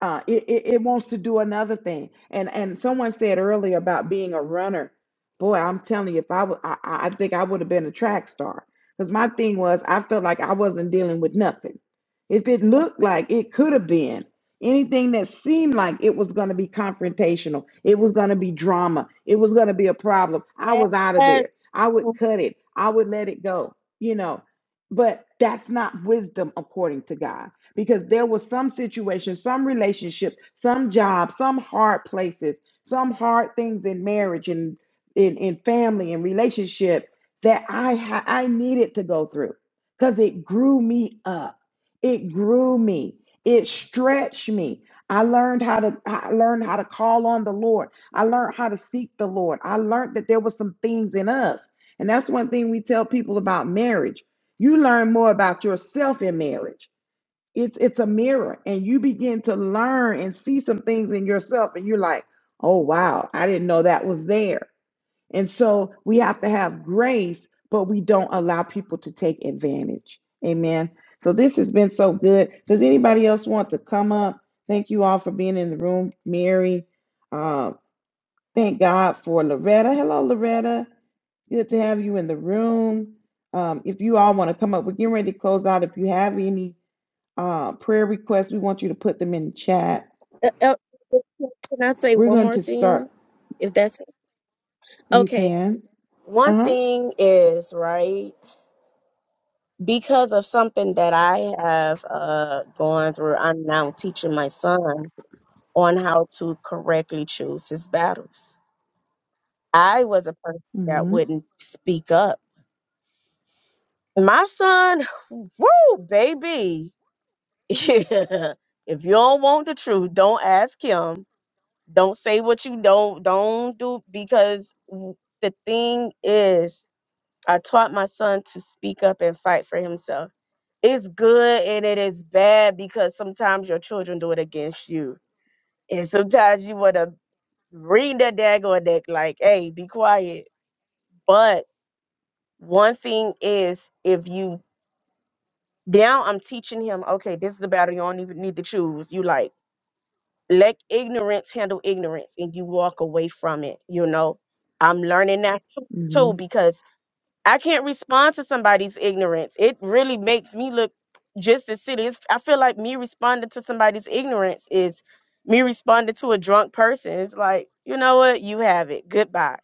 A: uh, it, it, it wants to do another thing. And and someone said earlier about being a runner. Boy, I'm telling you, if I would, I, I I think I would have been a track star. Because my thing was, I felt like I wasn't dealing with nothing. If it looked like it could have been anything that seemed like it was going to be confrontational, it was going to be drama, it was going to be a problem, I
F: Yes.
A: was out of there. I would
F: Uh,
A: cut it. I would let it go. You know, but that's not wisdom according to God because there was some situations, some relationships, some jobs, some hard places, some hard things in marriage and in, in family and relationship that I ha- I needed to go through because it grew me up. It grew me. It stretched me. I learned how to I learned how to call on the Lord. I learned how to seek the Lord. I learned that there were some things in us. And that's one thing we tell people about marriage. You learn more about yourself in marriage it's it's a mirror, and you begin to learn and see some things in yourself, and you're like, oh wow, I didn't know that was there. And so we have to have grace, but we don't allow people to take advantage. Amen. So this has been so good. Does anybody else want to come up? Thank you all for being in the room, Mary. Uh, thank God for Loretta. Hello, Loretta. Good to have you in the room. Um, if you all want to come up, we're getting ready to close out. If you have any uh, prayer requests, we want you to put them in the chat.
F: uh, uh, Can I say
A: We're
F: one
A: going
F: more
A: to
F: thing?
A: start.
F: If that's
A: You
F: okay.
A: can.
F: One
A: Uh huh.
F: thing is, right, because of something that I have uh, gone through, I'm now teaching my son on how to correctly choose his battles. I was a person that
A: Mm-hmm.
F: wouldn't speak up. My son, woo, baby. if you don't want the truth, don't ask him. Don't say what you don't don't do because w- the thing is, I taught my son to speak up and fight for himself. It's good and it is bad because sometimes your children do it against you. And sometimes you want to ring their daggone neck like, hey, be quiet. But one thing is if you now I'm teaching him, okay, this is the battle you don't even need to choose. You like let ignorance handle ignorance and you walk away from it you know i'm learning that too
A: Mm-hmm.
F: too, because. I can't respond to somebody's ignorance. It really makes me look just as serious. I feel like me responding to somebody's ignorance is me responding to a drunk person. It's like, you know what? You have it. Goodbye.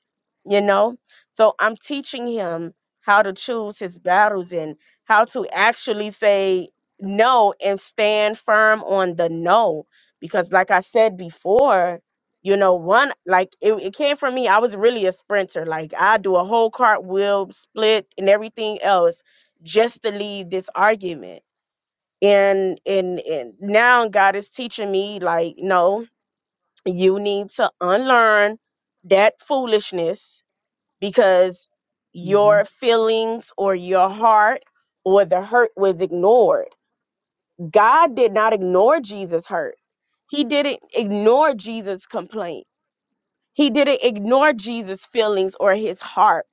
F: You know? So I'm teaching him how to choose his battles and how to actually say no and stand firm on the no. Because, like I said before, you know one like it, it came from me i was really a sprinter like i do a whole cartwheel split and everything else just to leave this argument and and and now god is teaching me like no you need to unlearn that foolishness because
A: Mm-hmm.
F: your feelings or your heart or the hurt was ignored god did not ignore jesus hurt he didn't ignore jesus complaint he didn't ignore Jesus' feelings or his heart.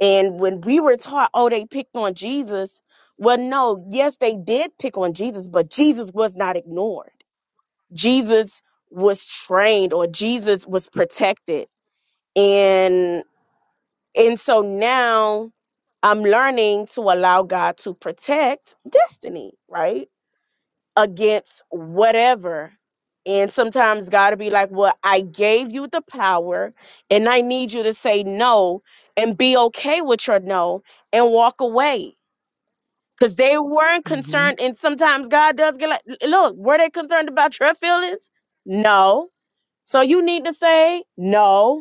F: And when we were taught, oh, they picked on Jesus, well, no, yes, they did pick on Jesus, but Jesus was not ignored. Jesus was trained or Jesus was protected. And and so now I'm learning to allow God to protect destiny, right? against whatever. And sometimes God will be like, Well, I gave you the power, and I need you to say no and be okay with your no and walk away. Because they weren't
A: Mm-hmm.
F: concerned. And sometimes God does get like, "L- Look, were they concerned about your feelings? No. So you need to say no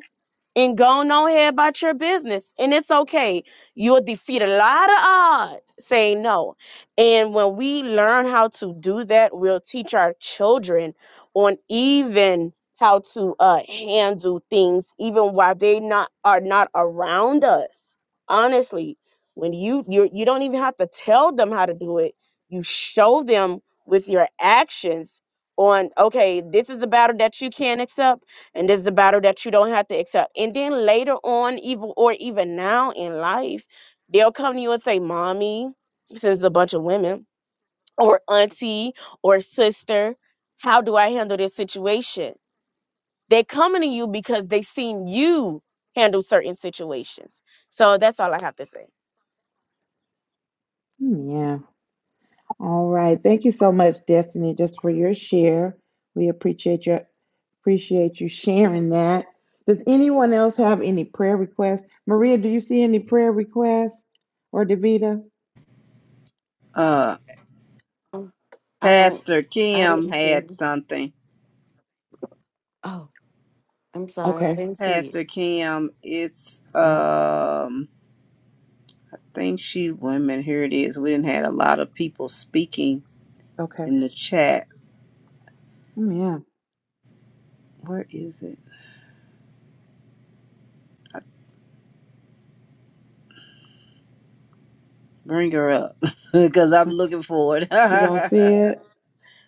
F: and go on ahead about your business. And it's okay. You'll defeat a lot of odds saying no. And when we learn how to do that, we'll teach our children on even how to uh, handle things, even while they not are not around us. Honestly, when you you you don't even have to tell them how to do it. You show them with your actions on okay, this is a battle that you can't accept and this is a battle that you don't have to accept. And then later on, even or even now in life, they'll come to you and say, Mommy, since it's a bunch of women, or auntie, or sister, how do I handle this situation? They're coming to you because they seen you handle certain situations. So that's all I have to say.
A: Mm, Yeah. All right. Thank you so much, Destiny, just for your share. We appreciate your appreciate you sharing that. Does anyone else have any prayer requests? Maria, do you see any prayer requests or Davita?
C: Uh,
B: I don't.
C: Pastor
B: I
C: Kim
B: didn't see.
C: had something.
B: Oh, I'm sorry. I
A: Okay.
B: didn't see it.
C: Pastor Kim, it's
A: Uh,
C: um Thank you, women. Here it is. We didn't had a lot of people speaking
A: okay.
C: in the chat.
A: Mm,
C: Where is it? Bring her up, because I'm
A: Yeah.
C: looking for it.
A: You don't see it?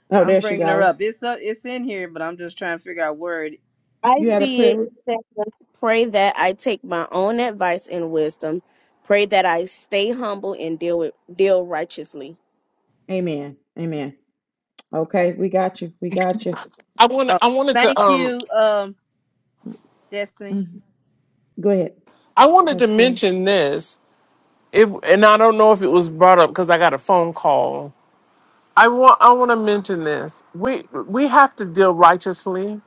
A: Oh,
C: I'm
A: there she
C: bringing her
A: goes.
C: up. It's up. It's in here, but I'm just trying to figure out where it.
F: I
A: You had a
F: see
A: prayer.
F: it.
A: re-
F: It says, Pray that I take my own advice and wisdom. Pray that I stay humble and deal with deal righteously.
A: Amen. Amen. Okay, we got you. We got you.
D: i want
C: Oh,
D: i wanted to
C: thank
D: um
C: you, um, Destiny.
A: Mhm. Go ahead,
D: i wanted to
A: Pastor Kim.
D: mention this It and I don't know if it was brought up because I got a phone call. I want I want to mention this. We we have to deal righteously.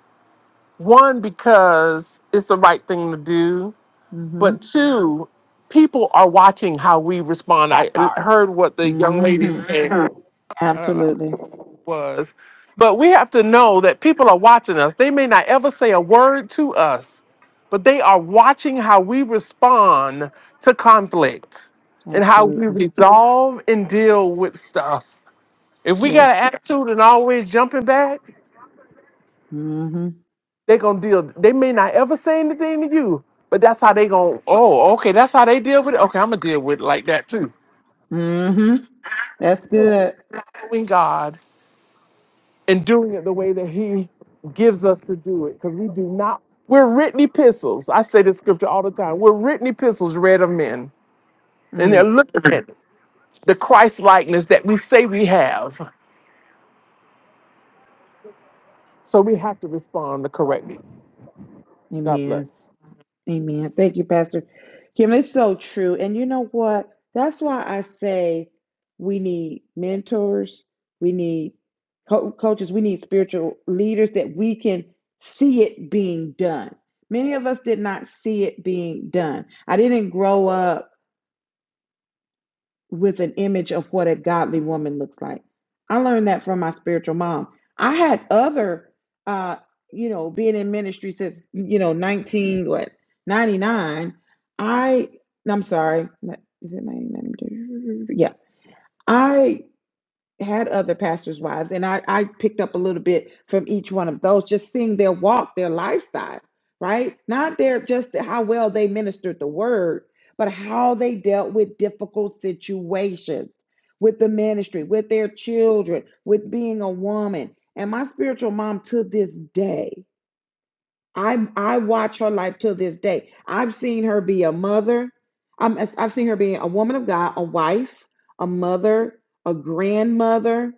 D: One because it's the right thing to do,
A: Mm-hmm.
D: but two, people are watching how we respond. I
E: that part.
D: heard what the young lady
A: Mm-hmm.
D: said.
A: Absolutely.
D: was. But we have to know that people are watching us. They may not ever say a word to us, but they are watching how we respond to conflict and how we
A: Absolutely.
D: resolve and deal with stuff. If we got an
A: Yes.
D: attitude and always jumping back,
A: Mm-hmm.
D: they gonna deal. They may not ever say anything to you, but that's how they gonna. Oh, okay, that's how they deal with it. Okay, I'm gonna deal with it like that too.
A: Mm-hmm. That's good.
D: Knowing God and doing it the way that he gives us to do it because we do not we're written epistles i say this scripture all the time we're written epistles read of men and they're
A: Mm.
D: looking at the christ likeness that we say we have so we have to respond correctly god
A: Amen.
D: bless
A: Amen. Thank you, Pastor Kim. It's so true. And you know what? That's why I say we need mentors, we need co- coaches, we need spiritual leaders that we can see it being done. Many of us did not see it being done. I didn't grow up with an image of what a godly woman looks like. I learned that from my spiritual mom. I had other, uh, you know, being in ministry since you know nineteen what ninety nine. I I'm sorry, is it ninety nine? Yeah, I had other pastors' wives, and I, I picked up a little bit from each one of those, just seeing their walk, their lifestyle, right? Not their just how well they ministered the word, but how they dealt with difficult situations with the ministry, with their children, with being a woman. And my spiritual mom to this day I I watch her life till this day. I've seen her be a mother. I'm, I've seen her being a woman of God, a wife, a mother, a grandmother,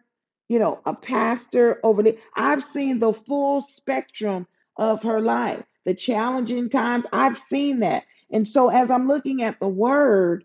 A: you know, a pastor over there. I've seen the full spectrum of her life, the challenging times. I've seen that. And so as I'm looking at the word,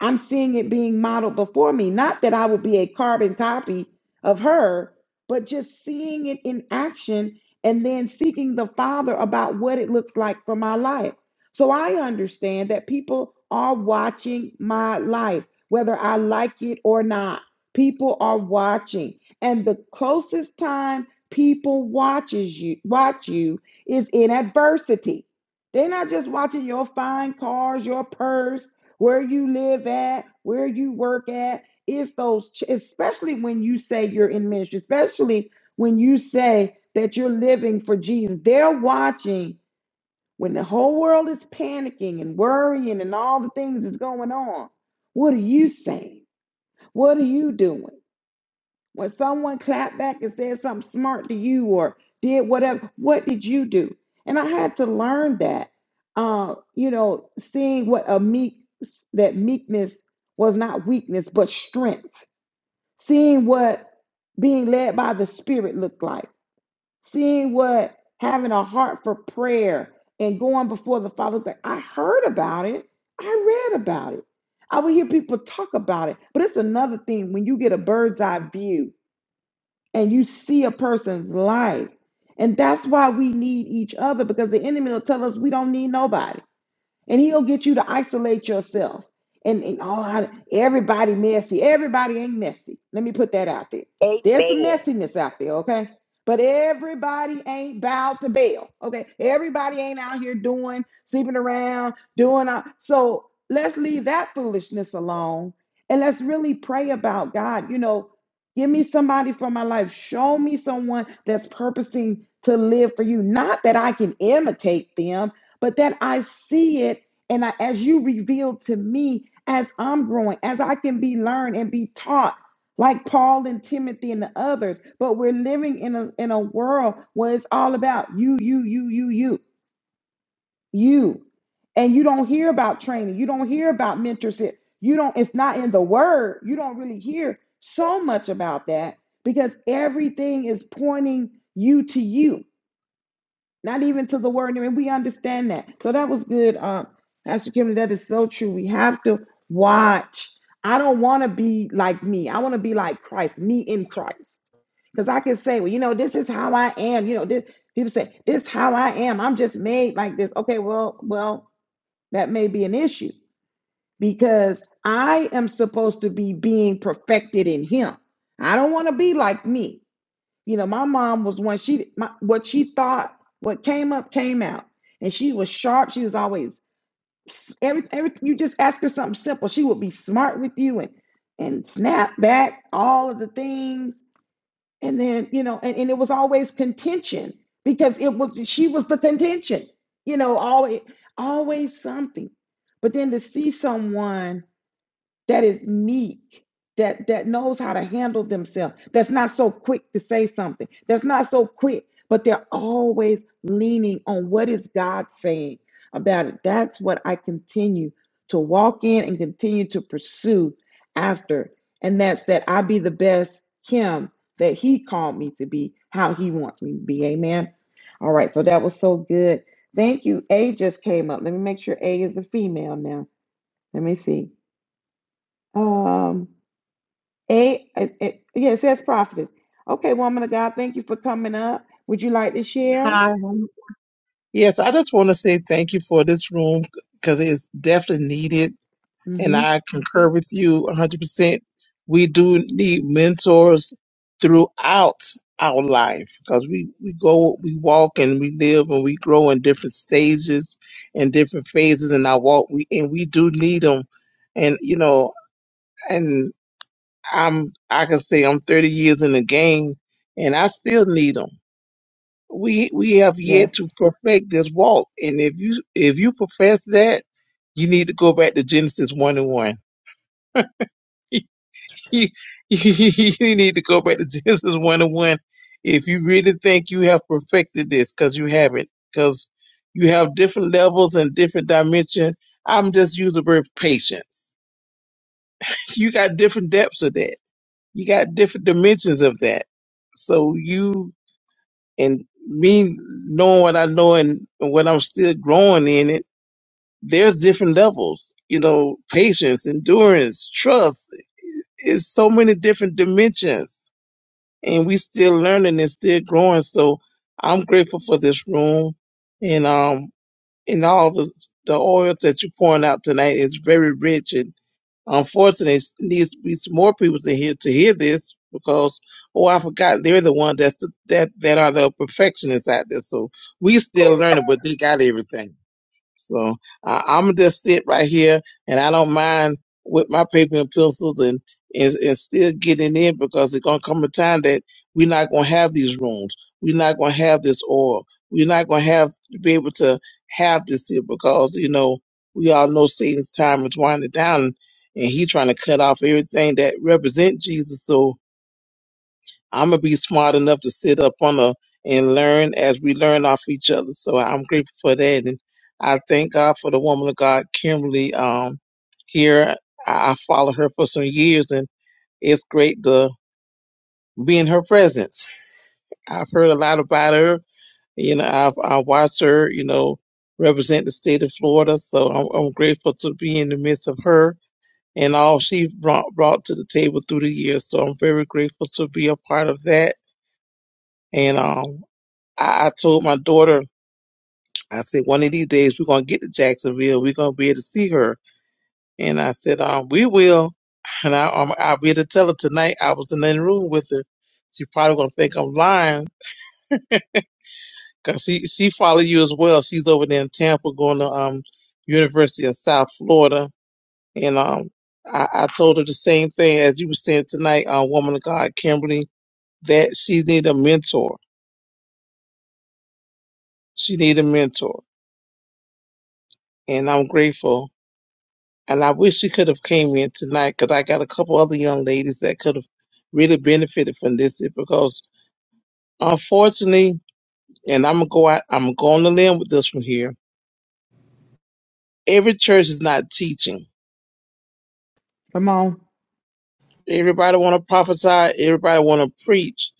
A: I'm seeing it being modeled before me. Not that I will be a carbon copy of her, but just seeing it in action and then seeking the Father about what it looks like for my life. So I understand that people are watching my life, whether I like it or not. People are watching. And the closest time people watches you watch you is in adversity. They're not just watching your fine cars, your purse, where you live at, where you work at. It's those, ch- especially when you say you're in ministry, especially when you say that you're living for Jesus. They're watching when the whole world is panicking and worrying and all the things is going on. What are you saying? What are you doing? When someone clapped back and said something smart to you or did whatever, what did you do? And I had to learn that, uh, you know, seeing what a meek that meekness was not weakness but strength. Seeing what being led by the Spirit looked like. Seeing what having a heart for prayer and going before the Father. looked Like I heard about it. I read about it. I would hear people talk about it. But it's another thing when you get a bird's eye view and you see a person's life. And that's why we need each other because the enemy will tell us we don't need nobody and he'll get you to isolate yourself. And, and all everybody messy. Everybody ain't messy. Let me put that out there. There's some
E: Amen.
A: messiness out there, okay? But everybody ain't bowed to bail, okay? Everybody ain't out here doing, sleeping around, doing. All, so let's leave that foolishness alone and let's really pray about God. You know, give me somebody for my life. Show me someone that's purposing to live for you. Not that I can imitate them, but that I see it and I, as you reveal to me as I'm growing, as I can be learned and be taught like Paul and Timothy and the others. But we're living in a in a world where it's all about you, you, you, you, you, you. And you don't hear about training. You don't hear about mentorship. You don't, it's not in the word. You don't really hear so much about that because everything is pointing you to you not even to the word. And we understand that. So that was good, um, Pastor Kim. That is so true. We have to watch. I don't want to be like me. I want to be like Christ, me in Christ. Because I can say, well, you know, this is how I am. You know, this people say, this is how I am. I'm just made like this. Okay, well, well, that may be an issue because I am supposed to be being perfected in him. I don't want to be like me. You know, my mom was one. She my, what she thought, what came up, came out, and she was sharp. She was always every every You just ask her something simple, she would be smart with you and and snap back all of the things, and then you know, and, and it was always contention because it was she was the contention. You know, always always something. But then to see someone that is meek, that that knows how to handle themselves, that's not so quick to say something, that's not so quick, but they're always leaning on what is God saying about it. That's what I continue to walk in and continue to pursue after. And that's that I be the best Kim that he called me to be, how he wants me to be. Amen. All right, so that was so good. Thank you. A just came up. Let me make sure A is a female now. Let me see. Um a, it, it, yeah, it says prophetess. Okay, woman of God, thank you for coming up. Would you like to share?
G: Hi. Yes, I just want to say thank you for this room because it is definitely needed. And
A: Mm-hmm.
G: I concur with you 100%. We do need mentors throughout our life because we, we go, we walk and we live and we grow in different stages and different phases in our walk. We, and we do need them. And, you know, and I'm, I can say I'm 30 years in the game and I still need 'em we we have yet to
A: Yes.
G: perfect this walk. And if you if you profess that, you need to go back to Genesis one and one. you you need to go back to Genesis one and one if you really think you have perfected this, because you haven't. Because you have different levels and different dimensions. I'm just using the word patience. You got different depths of that. You got different dimensions of that. So you and me knowing what I know and, and what I'm still growing in it, there's different levels, you know, patience, endurance, trust. It's so many different dimensions and we still learning and still growing. So I'm grateful for this room and, um, and all the, the oils that you're pouring out tonight is very rich and. Unfortunately, it needs to be some more people to hear to hear this because oh, I forgot they're the one that's the, that that are the perfectionists out there. So we still learning, but they got everything. So I, I'm just sit right here, and I don't mind with my paper and pencils and and, and still getting in because it's gonna come a time that we're not gonna have these rooms. We're not gonna have this oil. We're not gonna have to be able to have this here because you know we all know Satan's time is winding down, and he trying to cut off everything that represent Jesus. So I'm gonna be smart enough to sit up on a and learn as we learn off each other. So I'm grateful for that, and I thank God for the woman of God, Kimberly. Um, here I, I followed her for some years, and it's great to be in her presence. I've heard a lot about her. You know, I've I watched her. You know, represent the state of Florida. So I'm, I'm grateful to be in the midst of her and all she brought brought to the table through the years. So I'm very grateful to be a part of that. And um, I, I told my daughter, I said, one of these days we're gonna get to Jacksonville. We're gonna be able to see her. And I said, um, we will. And I, um, I'll be able to tell her tonight. I was in that room with her. She probably gonna think I'm lying, 'cause she she follow you as well. She's over there in Tampa, going to um University of South Florida. And um, I, I told her the same thing as you were saying tonight, uh, woman of God, Kimberly, that she need a mentor. She need a mentor, and I'm grateful And I wish she could have came in tonight because I got a couple other young ladies that could have really benefited from this because unfortunately, and I'm gonna go out, I'm going to limb with this one here. Every church is not teaching.
A: Come on.
G: Everybody want to prophesy. Everybody want to preach,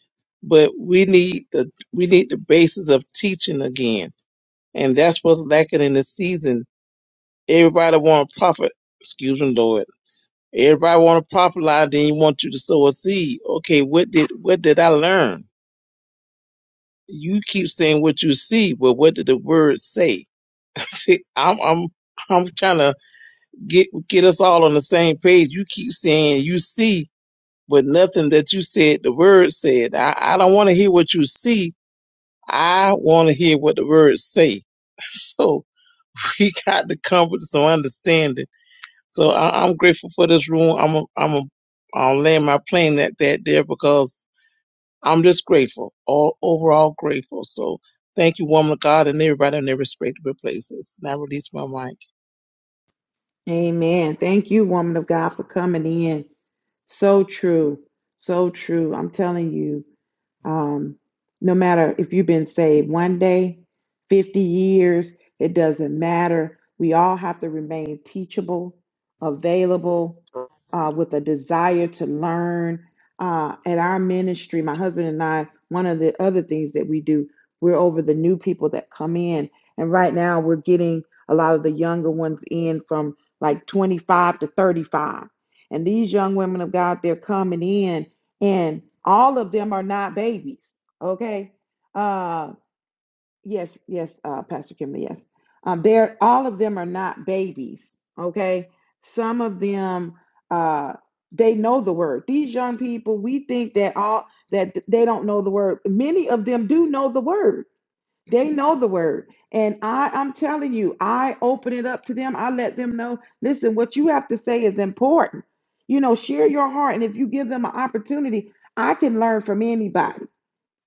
G: but we need the we need the basis of teaching again, and that's what's lacking in this season. Everybody want to prophet. Excuse me, Lord. Everybody want to prophesy. Then you want you to sow a seed. Okay, what did what did I learn? you keep saying what you see, but what did the word say? See, I'm I'm I'm trying to get get us all on the same page. You keep saying you see, but nothing that you said the word said. I, I don't want to hear what you see. I want to hear what the words say. So we got to come with some understanding. So I, I'm grateful for this room. I'm a, I'm a, I'll land my plane at that there because I'm just grateful, all overall grateful. So thank you, woman of God, and everybody in their respective places. And I release my mic.
A: Amen. Thank you, woman of God, for coming in. So true. So true. I'm telling you. Um, no matter if you've been saved one day, 50 years, it doesn't matter. We all have to remain teachable, available, uh, with a desire to learn. Uh, at our ministry, my husband and I, one of the other things that we do, we're over the new people that come in. And right now, we're getting a lot of the younger ones in from like 25 to 35. And these young women of God, they're coming in and all of them are not babies okay uh yes yes uh pastor Kimberly, yes um they're all of them are not babies okay some of them uh they know the word these young people we think that all that they don't know the word many of them do know the word they know the word. And I, I'm telling you, I open it up to them. I let them know, listen, what you have to say is important. You know, share your heart. And if you give them an opportunity, I can learn from anybody.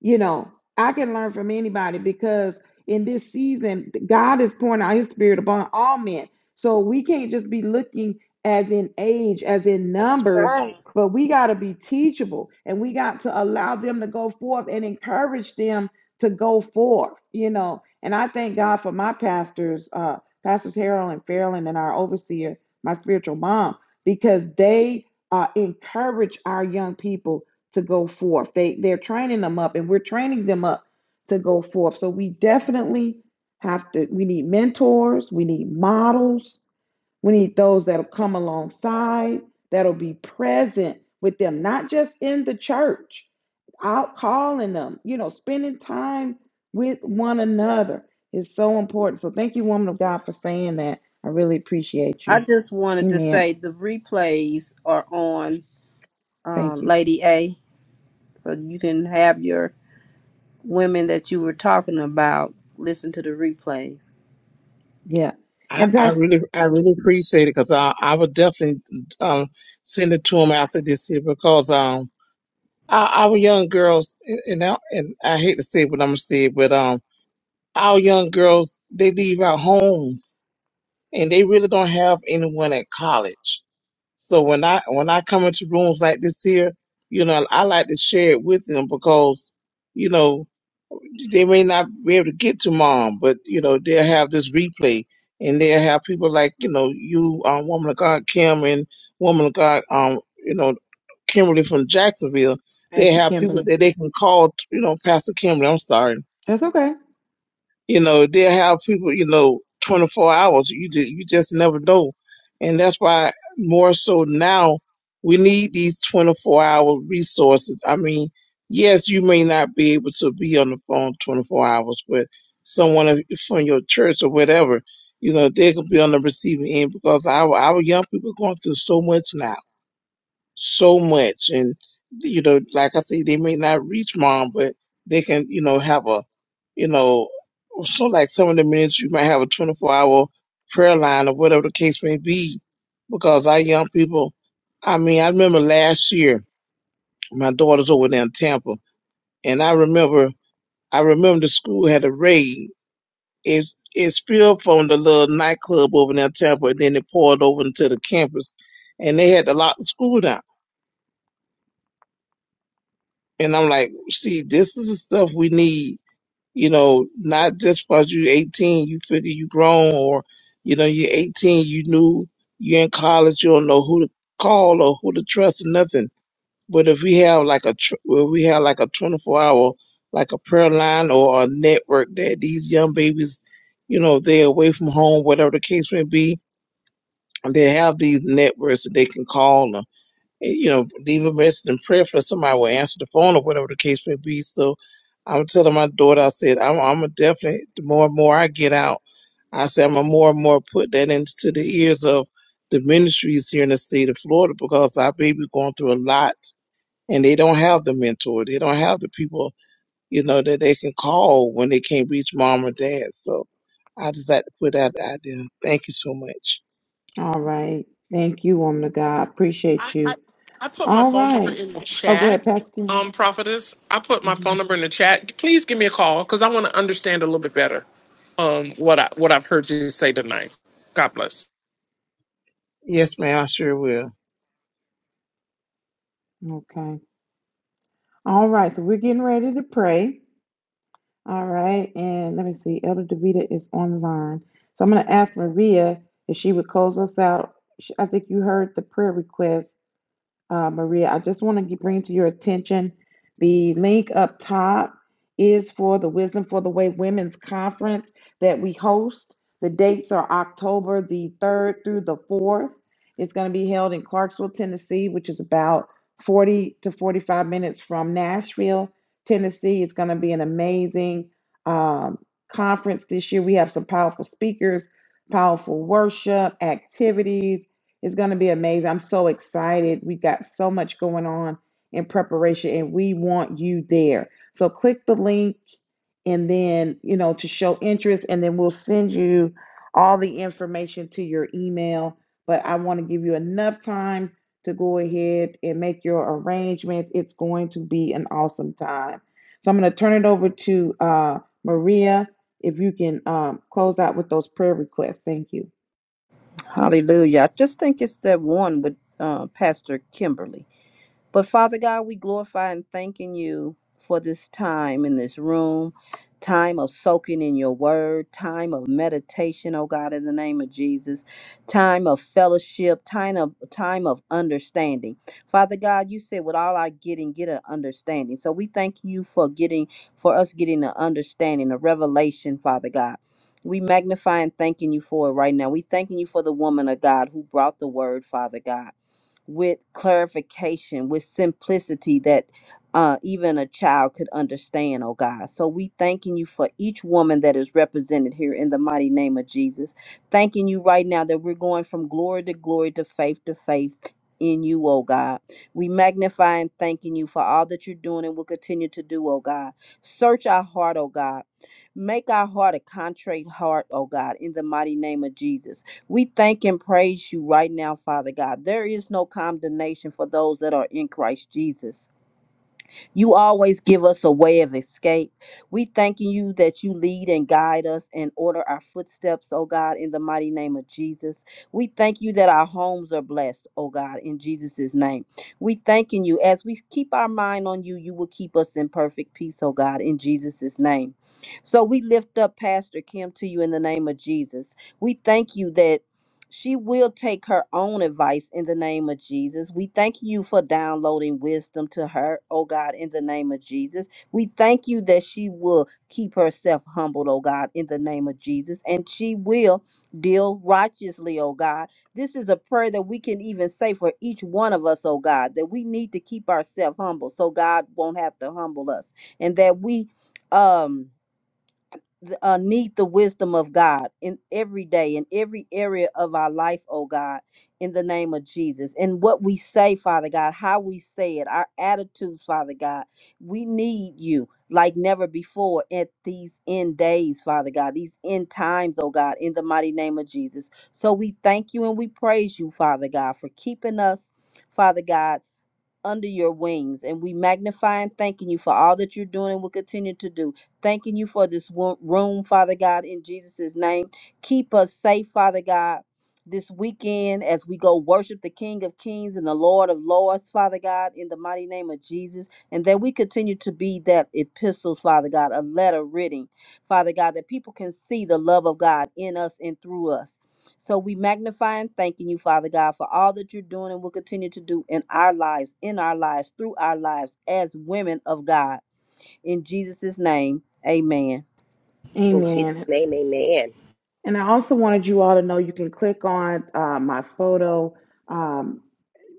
A: You know, I can learn from anybody because in this season, God is pouring out his spirit upon all men. So we can't just be looking as in age, as in
E: That's
A: numbers,
E: right.
A: but we got to be teachable and we got to allow them to go forth and encourage them to go forth, you know. And I thank God for my pastors, uh, Pastors Harold and Fairland, and our overseer, my spiritual mom, because they uh, encourage our young people to go forth. They they're training them up and we're training them up to go forth. So we definitely have to we need mentors, we need models, we need those that'll come alongside, that'll be present with them, not just in the church, out calling them, you know, spending time with one another is so important. So thank you, woman of God, for saying that. I really appreciate
C: I
A: you.
C: just wanted to
A: Amen.
C: say the replays are on, uh,
A: Thank you.
C: Lady A, so you can have your women that you were talking about listen to the replays.
A: Yeah.
G: I,
A: And
G: I
A: Pastor
G: really, I really appreciate it because I, I would definitely um, send it to them after this year because um, our, our young girls, and and I, and I hate to say what I'm gonna say but um, our young girls they leave our homes and they really don't have anyone at college So when I when I come into rooms like this here, you know, I like to share it with them because, you know, they may not be able to get to mom, but you know, they'll have this replay and they'll have people like, you know, you um woman of God Kim and woman of God um, you know, Kimberly from Jacksonville. They
A: Pastor
G: have people
A: Kimberly.
G: that they can call, you know, Pastor Kimberly, I'm sorry.
A: That's okay.
G: You know, they'll have people, you know, 24 hours. You, ju- you just never know. And that's why more so now we need these 24 hour resources. I mean, yes, you may not be able to be on the phone 24 hours, but someone of- from your church or whatever, you know, they can be on the receiving end because our, our young people are going through so much now so much. And, you know, like I say, they may not reach mom, but they can, you know, have a, you know, so like some of the minutes you might have a 24 hour prayer line or whatever the case may be. Because our young people, I mean, I remember last year, my daughter's over there in Tampa, and I remember, I remember the school had a raid. It, it spilled from the little nightclub over there in Tampa, and then it poured over into the campus, and they had to lock the school down. And I'm like, see, this is the stuff we need, you know, not just because you 18, you figure you grown or, you know, you're 18, you knew you're in college, you don't know who to call or who to trust or nothing. But if we have like a, tr- if we have like a 24 hour, like a prayer line or a network that these young babies, you know, they're away from home, whatever the case may be, and they have these networks that they can call 'em eh, you know, leave a message and prayer for somebody will answer the phone or whatever the case may be. So I'm telling my daughter, I said, I'm, I'm a definitely, the more and more I get out, I said, I'm going to more and more put that into the ears of the ministries here in the state of Florida because our baby going through a lot and they don't have the mentor. They don't have the people you know, that they can call when they can't reach mom or dad. So I just like to put out the idea. Thank you so much.
A: All right. Thank you, woman of God. I Appreciate
D: I, I
A: you.
D: I put my
A: All
D: phone number
A: right.
D: in the
A: Oh, go
D: chat,
A: ahead, Pastor.
D: um, prophetess. I put my
A: hmm
D: phone number in the chat. Please give me a call because I want to understand a little bit better, um, what I what I've heard you say tonight. God bless.
G: Yes, ma'am, I sure will.
A: Okay. All right. So we're getting ready to pray. All right. And let me see. Elder Davita is online. So I'm going to ask Maria if she would close us out. Sh- I think you heard the prayer request. uh, Maria, I just want to bring to your attention the link up top is for the Wisdom for the Way Women's Conference that we host. The dates are October the 3rd through the 4th. It's going to be held in Clarksville, Tennessee, which is about 40 to 45 minutes from Nashville, Tennessee. It's going to be an amazing um, conference this year. We have some powerful speakers, powerful worship, activities it's going to be amazing. I'm so excited. We've got so much going on in preparation and we want you there. So click the link and then, you know, to show interest and then we'll send you all the information to your email. But I want to give you enough time to go ahead and make your arrangements. It's going to be an awesome time. So I'm going to turn it over to uh, Maria. If you can um, close out with those prayer requests. Thank you.
C: Hallelujah. I just think it's that one with uh, Pastor Kimberly. But Father God, we glorify and thanking you for this time in this room, time of soaking in your word, time of meditation, oh God, in the name of Jesus, time of fellowship, time of time of understanding. Father God, you said with all our getting, get an understanding. So we thank you for getting for us getting an understanding, a revelation, Father God. We magnify and thanking you for it right now. We thanking you for the woman of God who brought the word, Father God with clarification, with simplicity that uh, even a child could understand, oh God. So we thanking you for each woman that is represented here in the mighty name of Jesus. Thanking you right now that we're going from glory to glory to faith to faith in you, oh God. We magnify and thanking you for all that you're doing and will continue to do, oh God. Search our heart, oh God. Make our heart a contrite heart, oh God, in the mighty name of Jesus. We thank and praise you right now, Father God. There is no condemnation for those that are in Christ Jesus. You always give us a way of escape. We thanking you that you lead and guide us and order our footsteps, oh God, in the mighty name of Jesus. We thank you that our homes are blessed, oh God, in Jesus' name. We thanking you as we keep our mind on you, you will keep us in perfect peace, oh God, in Jesus' name. So we lift up Pastor Kim to you in the name of Jesus. We thank you that. She will take her own advice in the name of Jesus. We thank you for downloading wisdom to her, oh God, in the name of Jesus. We thank you that she will keep herself humbled, oh God, in the name of Jesus. And she will deal righteously, oh God. This is a prayer that we can even say for each one of us, oh God, that we need to keep ourselves humble so God won't have to humble us. And that we um th- uh, need the wisdom of God in every day, in every area of our life, oh God, in the name of Jesus. And what we say, Father God, how we say it, our attitudes, Father God, we need you like never before at these end days, Father God, these end times, oh God, in the mighty name of Jesus. So we thank you and we praise you, Father God, for keeping us, Father God under your wings. And we magnify and thanking you for all that you're doing and will continue to do. Thanking you for this wo- room, Father God, in Jesus' name. Keep us safe, Father God. This weekend, as we go worship the King of Kings and the Lord of Lords, Father God, in the mighty name of Jesus, and that we continue to be that epistles, Father God, a letter written, Father God, that people can see the love of God in us and through us. So we magnify and thanking you, Father God, for all that you're doing and will continue to do in our lives, in our lives, through our lives as women of God. In Jesus' name, amen.
E: In
A: Amen.
E: Jesus' name, amen.
A: And I also wanted you all to know you can click on uh, my photo. Um,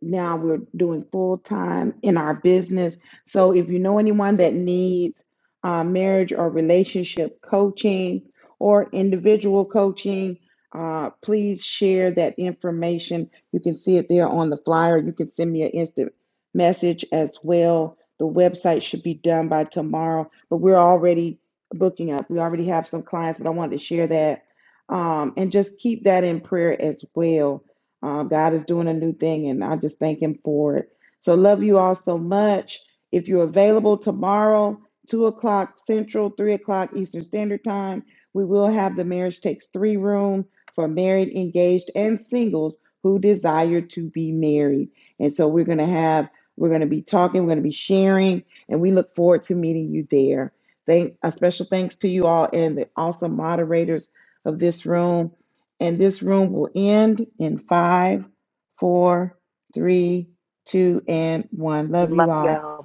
A: now we're doing full time in our business. So if you know anyone that needs uh, marriage or relationship coaching or individual coaching, uh, please share that information. You can see it there on the flyer. You can send me an instant message as well. The website should be done by tomorrow, but we're already booking up. We already have some clients, but I wanted to share that um, and just keep that in prayer as well uh, God is doing a new thing, and I just thank Him for it. So, love you all so much. If you're available tomorrow, 2 o'clock Central, 3 o'clock Eastern Standard Time, we will have the Marriage Takes Three room for married, engaged, and singles who desire to be married. And so, we're going to have, we're going to be talking, we're going to be sharing, and we look forward to meeting you there. Thank, a special thanks to you all and the awesome moderators of this room. And this room will end in five, four, three, two, and one. Love you
E: Love
A: all.
E: y'all.